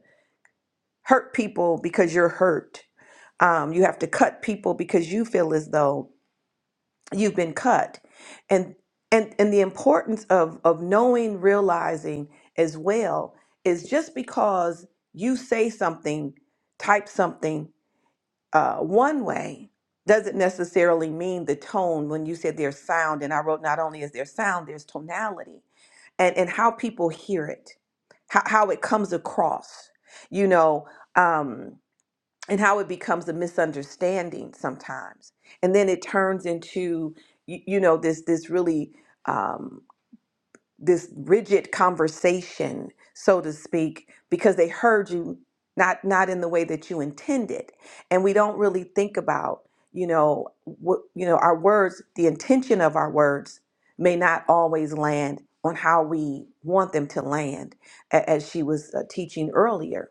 A: hurt people because you're hurt um, you have to cut people because you feel as though you've been cut and and and the importance of of knowing realizing as well is just because you say something type something uh, one way doesn't necessarily mean the tone when you said there's sound and i wrote not only is there sound there's tonality and and how people hear it how, how it comes across you know um and how it becomes a misunderstanding sometimes and then it turns into you, you know this this really um, this rigid conversation, so to speak, because they heard you not not in the way that you intended. And we don't really think about, you know, what you know, our words, the intention of our words may not always land on how we want them to land, a- as she was uh, teaching earlier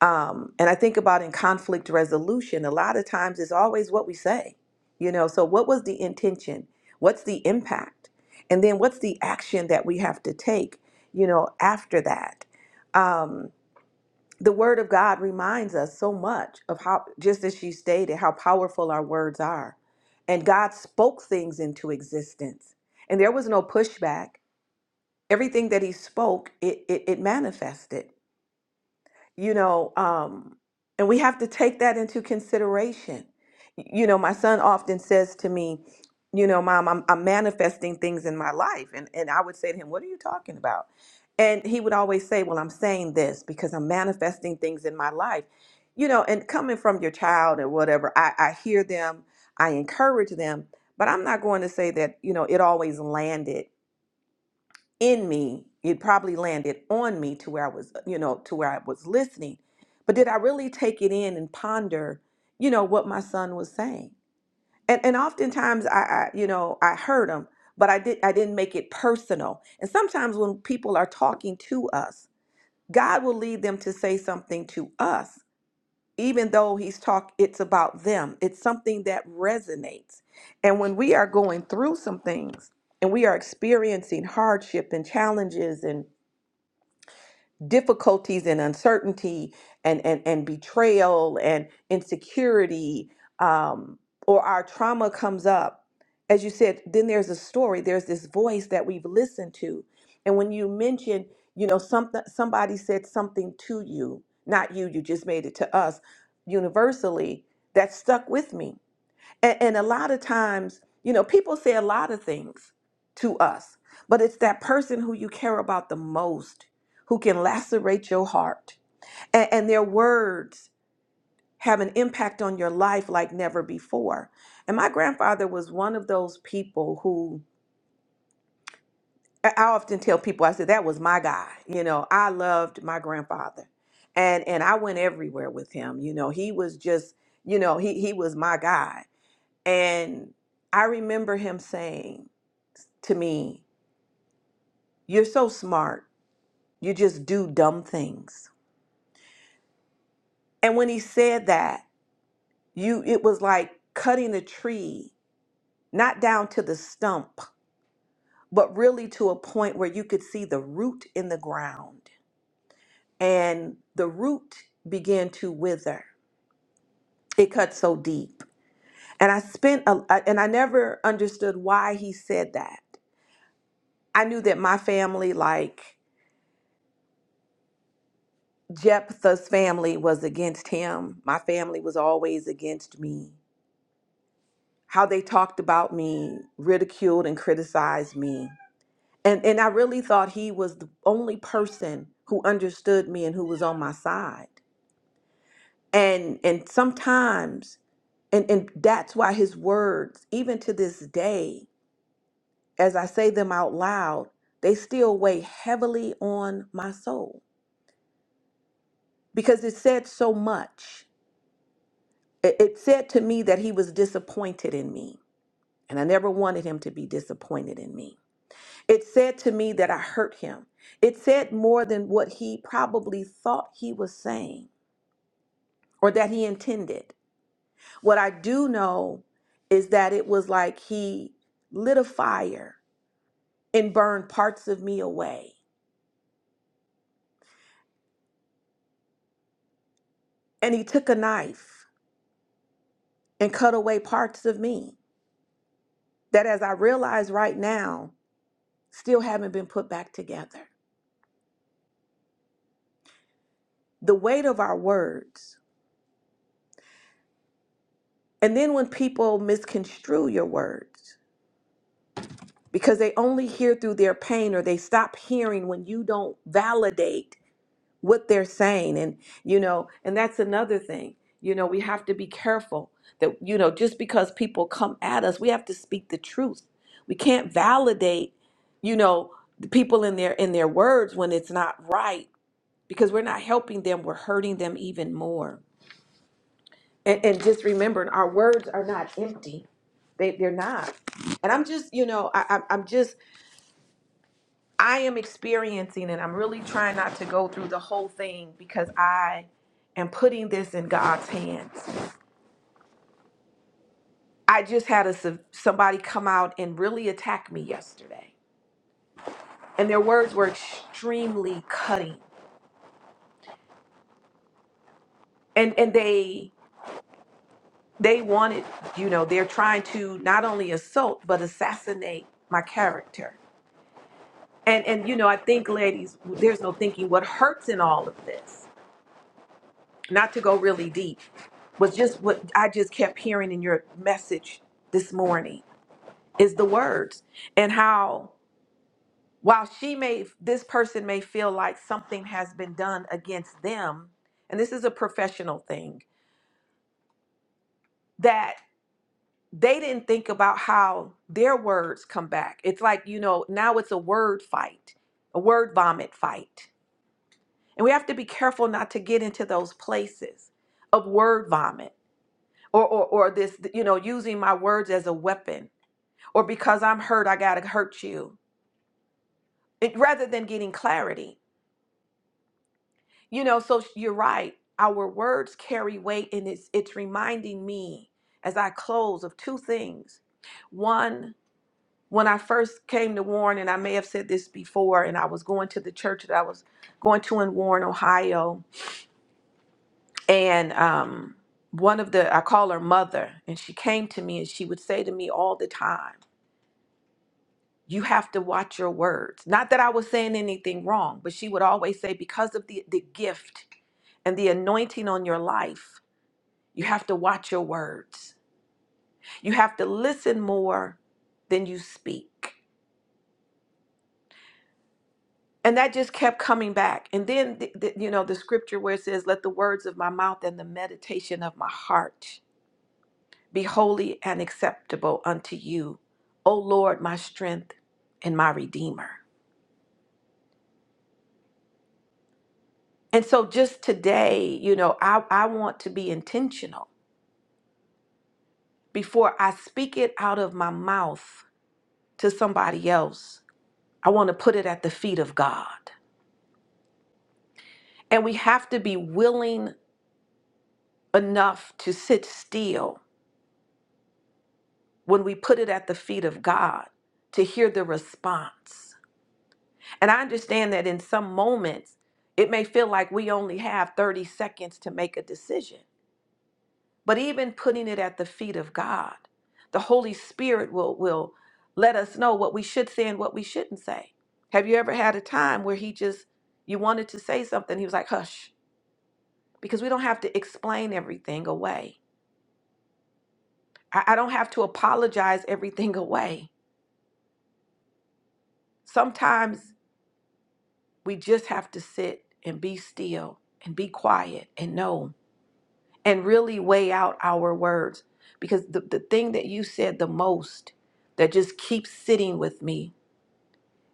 A: um, and I think about in conflict resolution, a lot of times it's always what we say, you know. So, what was the intention? What's the impact? And then, what's the action that we have to take, you know, after that? Um, the Word of God reminds us so much of how, just as she stated, how powerful our words are. And God spoke things into existence, and there was no pushback. Everything that He spoke, it, it, it manifested you know, um, and we have to take that into consideration. You know, my son often says to me, you know, mom, I'm, I'm manifesting things in my life. And, and I would say to him, what are you talking about? And he would always say, well, I'm saying this because I'm manifesting things in my life. You know, and coming from your child or whatever, I, I hear them, I encourage them, but I'm not going to say that, you know, it always landed in me it probably landed on me to where i was uh, you know to where i was listening but did i really take it in and ponder you know what my son was saying and and oftentimes i, I you know i heard him but i did i didn't make it personal and sometimes when people are talking to us god will lead them to say something to us even though he's talk it's about them it's something that resonates and when we are going through some things and we are experiencing hardship and challenges and difficulties and uncertainty and and, and betrayal and insecurity um, or our trauma comes up as you said then there's a story there's this voice that we've listened to and when you mentioned you know something somebody said something to you not you you just made it to us universally that stuck with me and, and a lot of times, you know, people say a lot of things to us, but it's that person who you care about the most who can lacerate your heart. And, and their words have an impact on your life like never before. And my grandfather was one of those people who I I often tell people, I said, that was my guy. You know, I loved my grandfather. And and I went everywhere with him. You know, he was just, you know, he he was my guy And I remember him saying to me, You're so smart. You just do dumb things. And when he said that, you it was like cutting a tree, not down to the stump, but really to a point where you could see the root in the ground. And the root began to wither. It cut so deep. And I spent a, I- and I never understood why he said that. I knew that my family like Jephthah's family was against him. My family was always against me. How they talked about me, ridiculed and criticized me. And, and I really thought he was the only person who understood me and who was on my side. And and sometimes, and, and that's why his words, even to this day, as I say them out loud, they still weigh heavily on my soul because it said so much it, it said to me that he was disappointed in me, and I never wanted him to be disappointed in me. It said to me that I hurt him. It said more than what he probably thought he was saying or that he intended. What I do know is that it was like he lit a fire and burned parts of me away. And he took a knife and cut away parts of me that, as I realize right now, still haven't been put back together. The weight of our words And then when people misconstrue your words because they only hear through their pain or they stop hearing when you don't validate what they're saying and you know and that's another thing. You know, we have to be careful that you know just because people come at us, we have to speak the truth. We can't validate, you know, the people in their in their words when it's not right because we're not helping them, we're hurting them even more. And, and just remembering our words are not empty. They, they're not. And I'm just, you know, I, I'm, I'm just, I am experiencing and I'm really trying not to go through the whole thing because I am putting this in God's hands. I just had a, se- somebody come out and really attack me yesterday. And their words were extremely cutting. And, and they, they wanted, you know, they're trying to not only assault, but assassinate my character and and you know i think ladies there's no thinking what hurts in all of this not to go really deep was just what i just kept hearing in your message this morning is the words and how while she may this person may feel like something has been done against them and this is a professional thing that they didn't think about how their words come back it's like you know now it's a word fight a word vomit fight And we have to be careful not to get into those places of word vomit or, or, or this, you know, using my words as a weapon or because I'm hurt, I got to hurt you it, rather than getting clarity. You know, so you're right. Our words carry weight and it's, it's reminding me as I close of two things. One, when I first came to Warren, and I may have said this before, and I was going to the church that I was going to in Warren, Ohio, and um, one of the i call her mother and she came to me and she would say to me all the time you have to watch your words not that i was saying anything wrong but she would always say because of the, the gift and the anointing on your life you have to watch your words you have to listen more than you speak and that just kept coming back and then the, the- you know the scripture where it says let the words of my mouth and the meditation of my heart be holy and acceptable unto you, O Lord, my strength and my redeemer. And so just today, you know, I, I want to be intentional before I speak it out of my mouth to somebody else. I want to put it at the feet of God. And we have to be willing enough to sit still when we put it at the feet of God to hear the response. And I understand that in some moments, it may feel like we only have 30 seconds to make a decision. But even putting it at the feet of God, the Holy Spirit will, will let us know what we should say and what we shouldn't say. Have you ever had a time where He just, you wanted to say something, He was like, hush, because we don't have to explain everything away. I, I don't have to apologize everything away. Sometimes we just have to sit and be still and be quiet and know and really weigh out our words because the, the thing that you said the most that just keeps sitting with me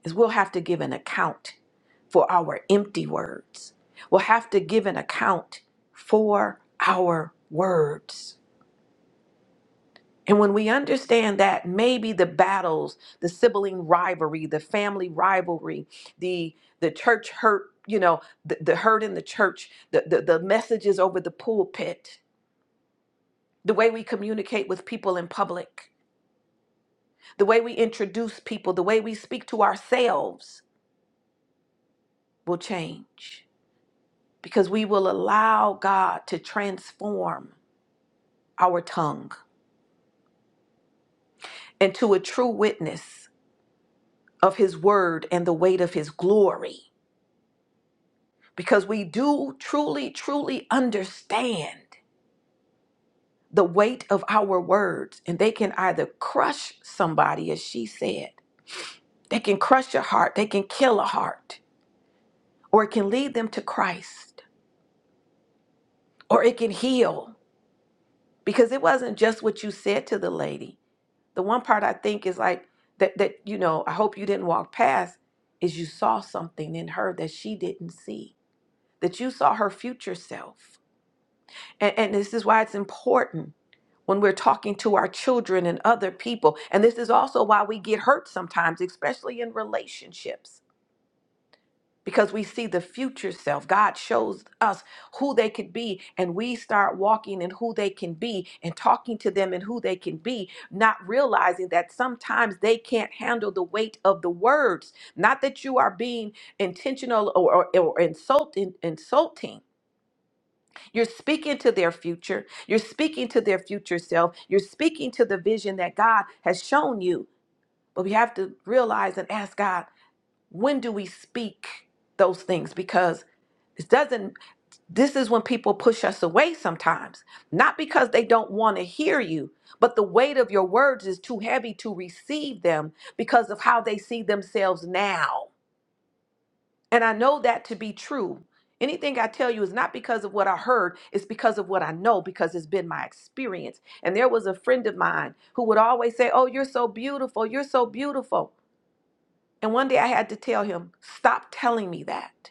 A: is we'll have to give an account for our empty words. We'll have to give an account for our words. And when we understand that, maybe the battles, the sibling rivalry, the family rivalry, the the church hurt, you know, the, the hurt in the church, the, the, the messages over the pulpit, the way we communicate with people in public, the way we introduce people, the way we speak to ourselves will change because we will allow God to transform our tongue into a true witness of His word and the weight of His glory because we do truly, truly understand the weight of our words and they can either crush somebody, as she said, they can crush a heart, they can kill a heart, or it can lead them to Christ. or it can heal because it wasn't just what you said to the lady the one part i think is like that that you know i hope you didn't walk past is you saw something in her that she didn't see that you saw her future self and, and this is why it's important when we're talking to our children and other people and this is also why we get hurt sometimes especially in relationships because we see the future self. God shows us who they could be, and we start walking in who they can be and talking to them in who they can be, not realizing that sometimes they can't handle the weight of the words. Not that you are being intentional or, or, or insulting, insulting. You're speaking to their future. You're speaking to their future self. You're speaking to the vision that God has shown you. But we have to realize and ask God, when do we speak those things? Because it doesn't, this is when people push us away sometimes, not because they don't want to hear you, but the weight of your words is too heavy to receive them because of how they see themselves now. And I know that to be true. Anything I tell you is not because of what I heard, it's because of what I know, because it's been my experience. And there was a friend of mine who would always say, Oh, you're so beautiful, you're so beautiful. And one day I had to tell him, Stop telling me that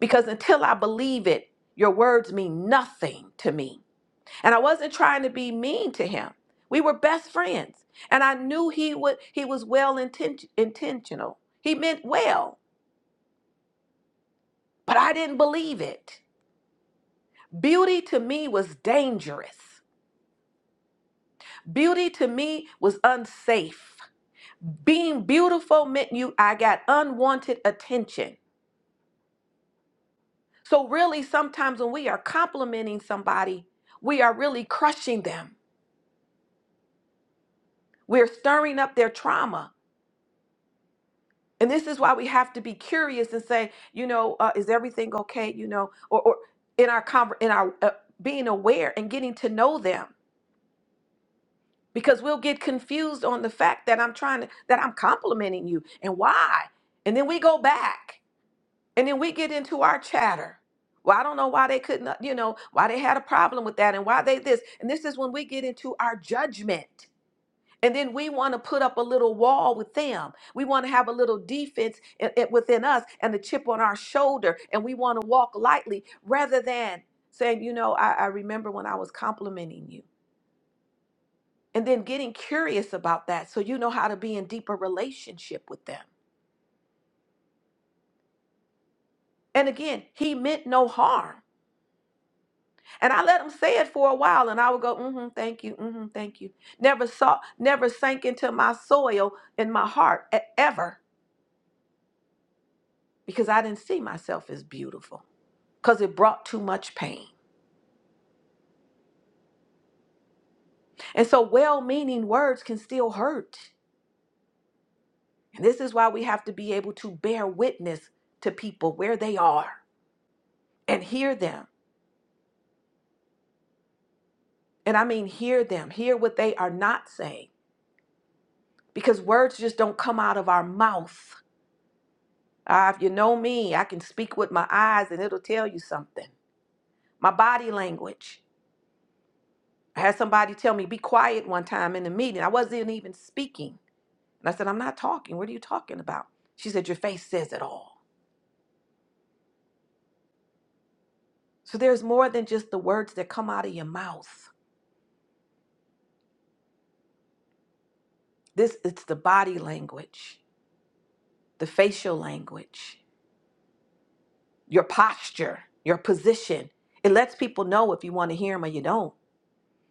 A: because until I believe it, your words mean nothing to me. And I wasn't trying to be mean to him. We were best friends, and I knew he would he was well inten- intentional. He meant well, but I didn't believe it. Beauty to me was dangerous. Beauty to me was unsafe. Being beautiful meant you I got unwanted attention. So really sometimes when we are complimenting somebody, we are really crushing them We're stirring up their trauma. And this is why we have to be curious and say, you know, uh, is everything okay? You know, or, or in our conver- in our uh, being aware and getting to know them because we'll get confused on the fact that I'm trying to that I'm complimenting you and why? And then we go back and then we get into our chatter. Well, I don't know why they couldn't, uh, you know, why they had a problem with that and why they this. And this is when we get into our judgment And then we want to put up a little wall with them. We want to have a little defense i- i- within us and the chip on our shoulder. And we want to walk lightly rather than saying, you know, I, I remember when I was complimenting you. And then getting curious about that so you know how to be in deeper relationship with them. And again, he meant no harm. And I let him say it for a while and I would go, mm-hmm, thank you, mm-hmm, thank you. Never saw, never sank into my soil in my heart e- ever because I didn't see myself as beautiful. because it brought too much pain. And so, well meaning words can still hurt. And this is why we have to be able to bear witness to people where they are and hear them. And I mean, hear them, hear what they are not saying, because words just don't come out of our mouth. Ah, if you know me, I can speak with my eyes and it'll tell you something. My body language. I had somebody tell me, be quiet one time in a meeting. I wasn't even speaking. And I said, I'm not talking. What are you talking about? She said, Your face says it all. So there's more than just the words that come out of your mouth. This it's the body language, the facial language, your posture, your position. It lets people know if you want to hear them or you don't.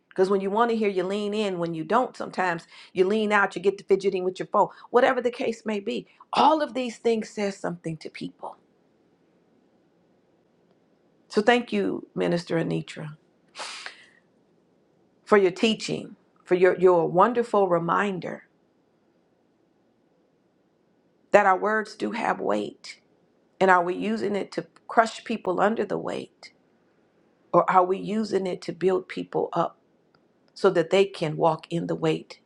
A: Because when you want to hear, you lean in. When you don't, sometimes you lean out, you get to fidgeting with your phone, whatever the case may be. All of these things says something to people. So thank you, Minister Anitra, for your teaching, for your, your wonderful reminder that our words do have weight And are we using it to crush people under the weight? Or are we using it to build people up so that they can walk in the weight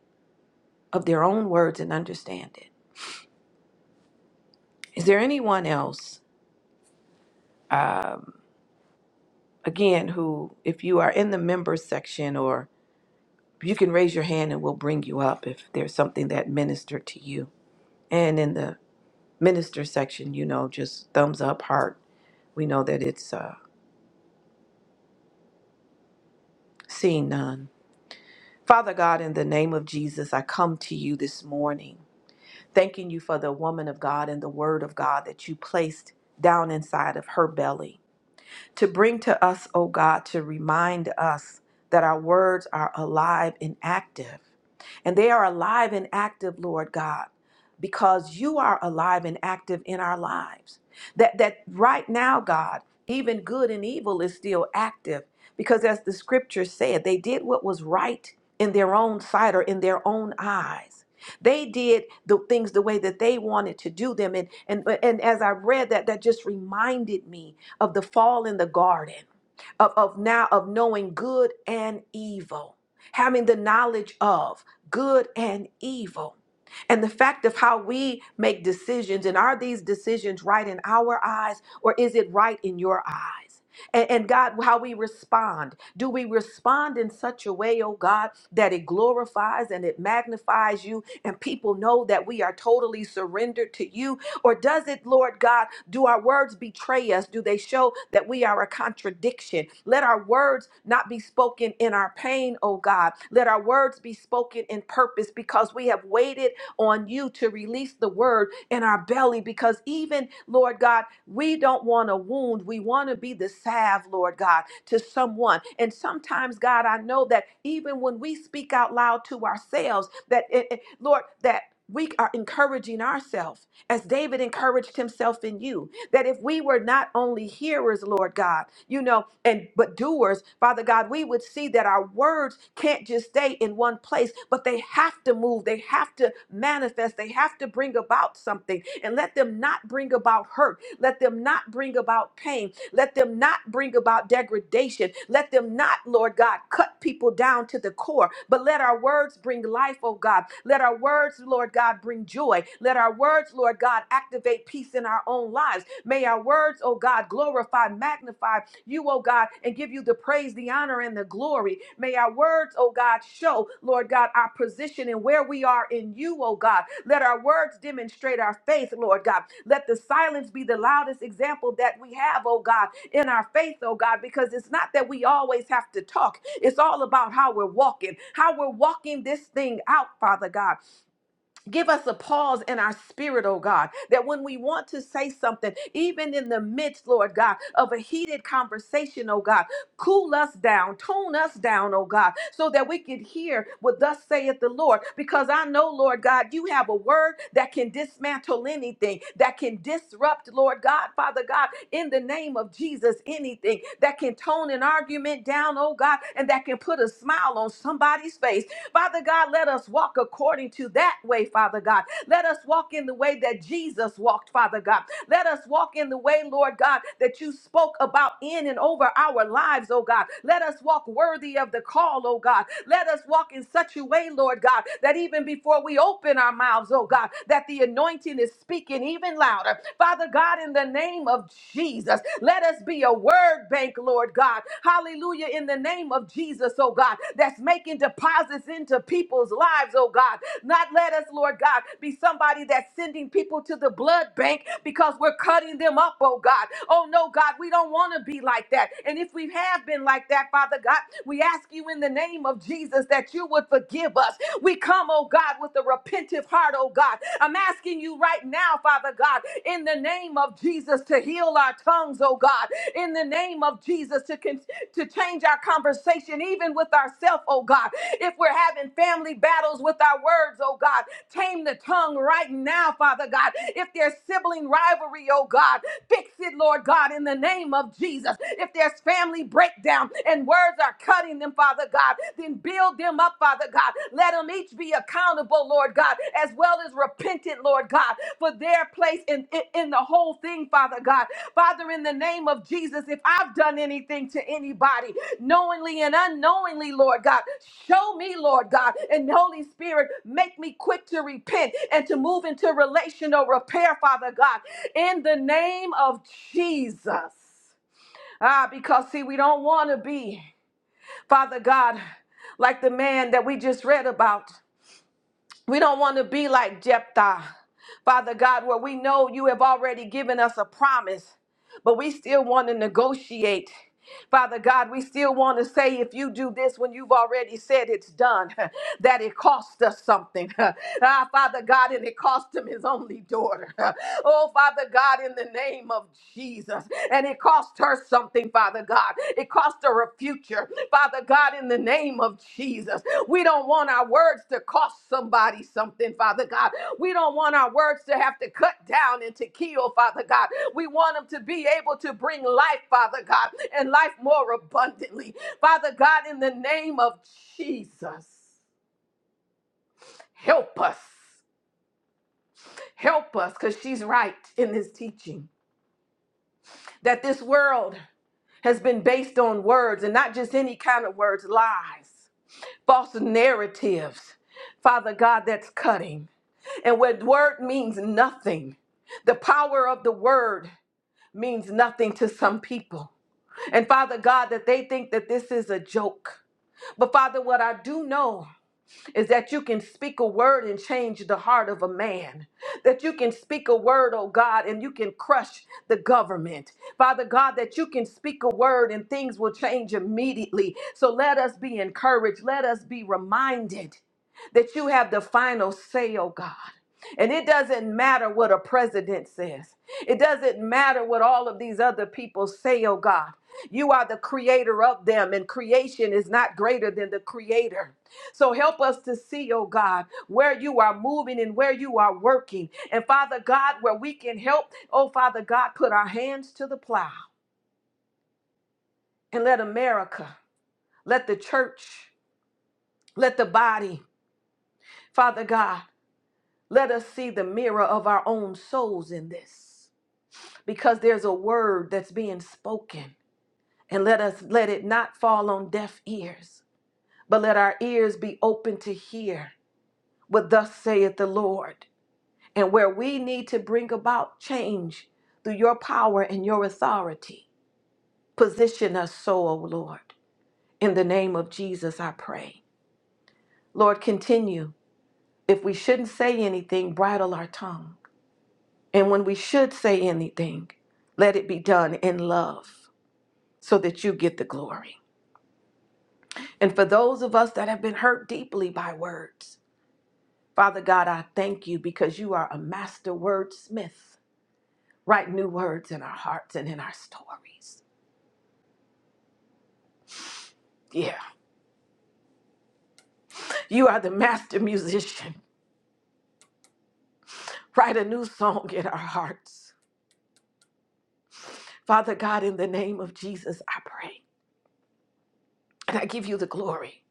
A: of their own words and understand it? Is there anyone else, um, again, who, if you are in the members section or you can raise your hand and we'll bring you up if there's something that ministered to you. And in the minister section, you know, just thumbs up, heart. We know that it's uh, seeing none. Father God, in the name of Jesus, I come to you this morning. Thanking you for the woman of God and the word of God that you placed down inside of her belly to bring to us, O God, to remind us that our words are alive and active. And they are alive and active, Lord God, because you are alive and active in our lives. That that right now, God, even good and evil is still active because as the scripture said, they did what was right in their own sight or in their own eyes. They did the things the way that they wanted to do them. And and and as I read that, that just reminded me of the fall in the garden, of, of now of knowing good and evil, having the knowledge of good and evil, and the fact of how we make decisions. And are these decisions right in our eyes, or is it right in your eyes? And, and God, how we respond. Do we respond in such a way, oh God, that it glorifies and it magnifies you, and people know that we are totally surrendered to you or does it, Lord God, do our words betray us? Do they show that we are a contradiction? Let our words not be spoken in our pain, oh God. Let our words be spoken in purpose because we have waited on you to release the word in our belly. Because even, Lord God, we don't want a wound. We want to be the salve, Lord God, to someone. And sometimes, God, I know that even when we speak out loud to ourselves, that, it, it- Lord, that we are encouraging ourselves as David encouraged himself in you, that if we were not only hearers, Lord God, you know, and but doers, Father God, we would see that our words can't just stay in one place, but they have to move, they have to manifest, they have to bring about something, and let them not bring about hurt, let them not bring about pain, let them not bring about degradation. Let them not, Lord God, cut people down to the core. But let our words bring life, oh God. Let our words, Lord God, bring joy. Let our words, Lord God, activate peace in our own lives. May our words, oh God, glorify, magnify you, oh God, and give you the praise, the honor, and the glory. May our words, oh God, show, Lord God, our position and where we are in you, oh God. Let our words demonstrate our faith, Lord God. Let the silence be the loudest example that we have, oh God, in our faith, oh God, because it's not that we always have to talk. It's all about how we're walking, how we're walking this thing out, Father God. Give us a pause in our spirit, oh God, that when we want to say something, even in the midst, Lord God, of a heated conversation, oh God, cool us down, tone us down, oh God, so that we can hear what thus saith the Lord. Because I know, Lord God, you have a word that can dismantle anything, that can disrupt, Lord God, Father God in the name of Jesus anything that can tone an argument down, oh God, and that can put a smile on somebody's face. Father God, let us walk according to that way, Father God. Let us walk in the way that Jesus walked, Father God. Let us walk in the way, Lord God, that you spoke about in and over our lives, oh God. Let us walk worthy of the call, oh God. Let us walk in such a way, Lord God, that even before we open our mouths, oh God, that the anointing anointing is speaking even louder. Father God, in the name of Jesus, let us be a word bank, Lord God. Hallelujah, in the name of Jesus, oh God, that's making deposits into people's lives, oh God. Not let us, Lord God, be somebody that's sending people to the blood bank because we're cutting them up, oh God. Oh no, God, we don't want to be like that. And if we have been like that, Father God, we ask you in the name of Jesus that you would forgive us. We come, oh God, with a repentive heart, oh God. I'm asking you right now, Father God, in the name of Jesus, to heal our tongues, oh God, in the name of Jesus, to, con- to change our conversation, even with ourselves, oh God. If we're having family battles with our words, oh God, tame the tongue right now, Father God. If there's sibling rivalry, oh God, fix it, Lord God, in the name of Jesus. If there's family breakdown and words are cutting them, Father God. Then build them up, Father God. Let them each be accountable, Lord God, as well as repentant, Lord God, for their place in, in, in the whole thing, Father God. Father, in the name of Jesus, if I've done anything to anybody, knowingly and unknowingly, Lord God, show me, Lord God, and Holy Spirit, make me quick to repent and to move into relational repair, Father God, in the name of Jesus. Ah, because see, we don't want to be. Father God, like the man that we just read about. We don't want to be like Jephthah, Father God, where we know you have already given us a promise, but we still want to negotiate. Father God, we still want to say if you do this when you've already said it's done, that it cost us something. ah, Father God, and it cost him his only daughter. oh, Father God, in the name of Jesus. And it cost her something, Father God. It cost her a future, Father God. God, in the name of Jesus. We don't want our words to cost somebody something, Father God. We don't want our words to have to cut down and to kill, Father God. We want them to be able to bring life, Father God, and life more abundantly. Father God, in the name of Jesus, help us. Help us, because she's right in this teaching that this world has been based on words and not just any kind of words, lies. false narratives, Father God, that's cutting. And where the word means nothing, the power of the word means nothing to some people. And Father God, that they think that this is a joke. But Father, what I do know is that you can speak a word and change the heart of a man. That you can speak a word, oh God, and you can crush the government. Father God, that you can speak a word and things will change immediately. So let us be encouraged. Let us be reminded that you have the final say, oh God. And it doesn't matter what a president says. It doesn't matter what all of these other people say, oh God. You are the creator of them, and creation is not greater than the creator. So help us to see, oh God, where you are moving and where you are working. And Father God, where we can help, oh Father God, put our hands to the plow and let America, let the church, let the body, Father God, let us see the mirror of our own souls in this because there's a word that's being spoken. And let us let it not fall on deaf ears, but let our ears be open to hear what thus saith the Lord. and where we need to bring about change through your power and your authority. Position us so, O Lord. In the name of Jesus, I pray. Lord, continue. If we shouldn't say anything, bridle our tongue. And when we should say anything, let it be done in love so that you get the glory. And for those of us that have been hurt deeply by words, Father God, I thank you because you are a master wordsmith. Write new words in our hearts and in our stories. Yeah. You are the master musician. Write a new song in our hearts. Father God, in the name of Jesus, I pray. And I give you the glory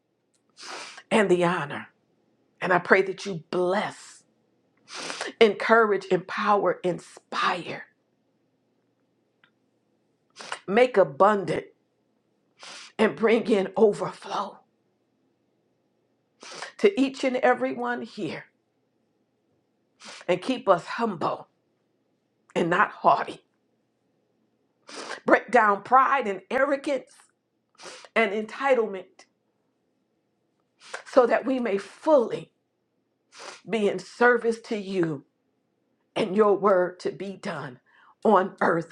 A: and the honor. And I pray that you bless, encourage, empower, inspire, make abundant, and bring in overflow to each and every one here. And keep us humble and not haughty. Break down pride and arrogance and entitlement so that we may fully be in service to you and your word to be done on earth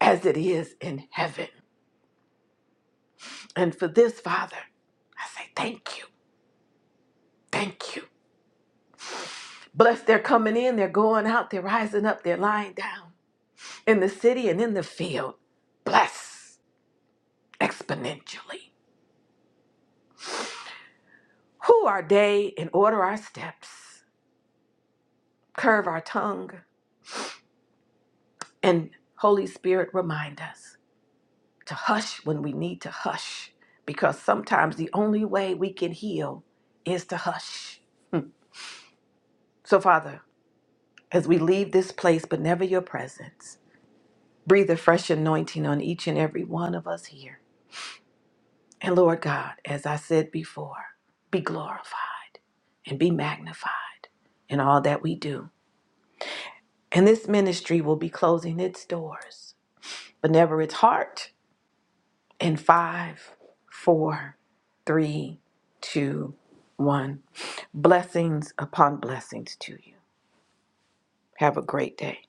A: as it is in heaven. And for this, Father, I say thank you. Thank you. Bless their coming in, they're going out, they're rising up, they're lying down in the city and in the field. Bless exponentially. Who our day and order our steps, curve our tongue, and Holy Spirit remind us to hush when we need to hush because sometimes the only way we can heal is to hush. So, Father, as we leave this place, but never your presence, breathe a fresh anointing on each and every one of us here. And Lord God, as I said before, be glorified and be magnified in all that we do. And this ministry will be closing its doors, but never its heart. In five, four, three, two, one. Blessings upon blessings to you. Have a great day.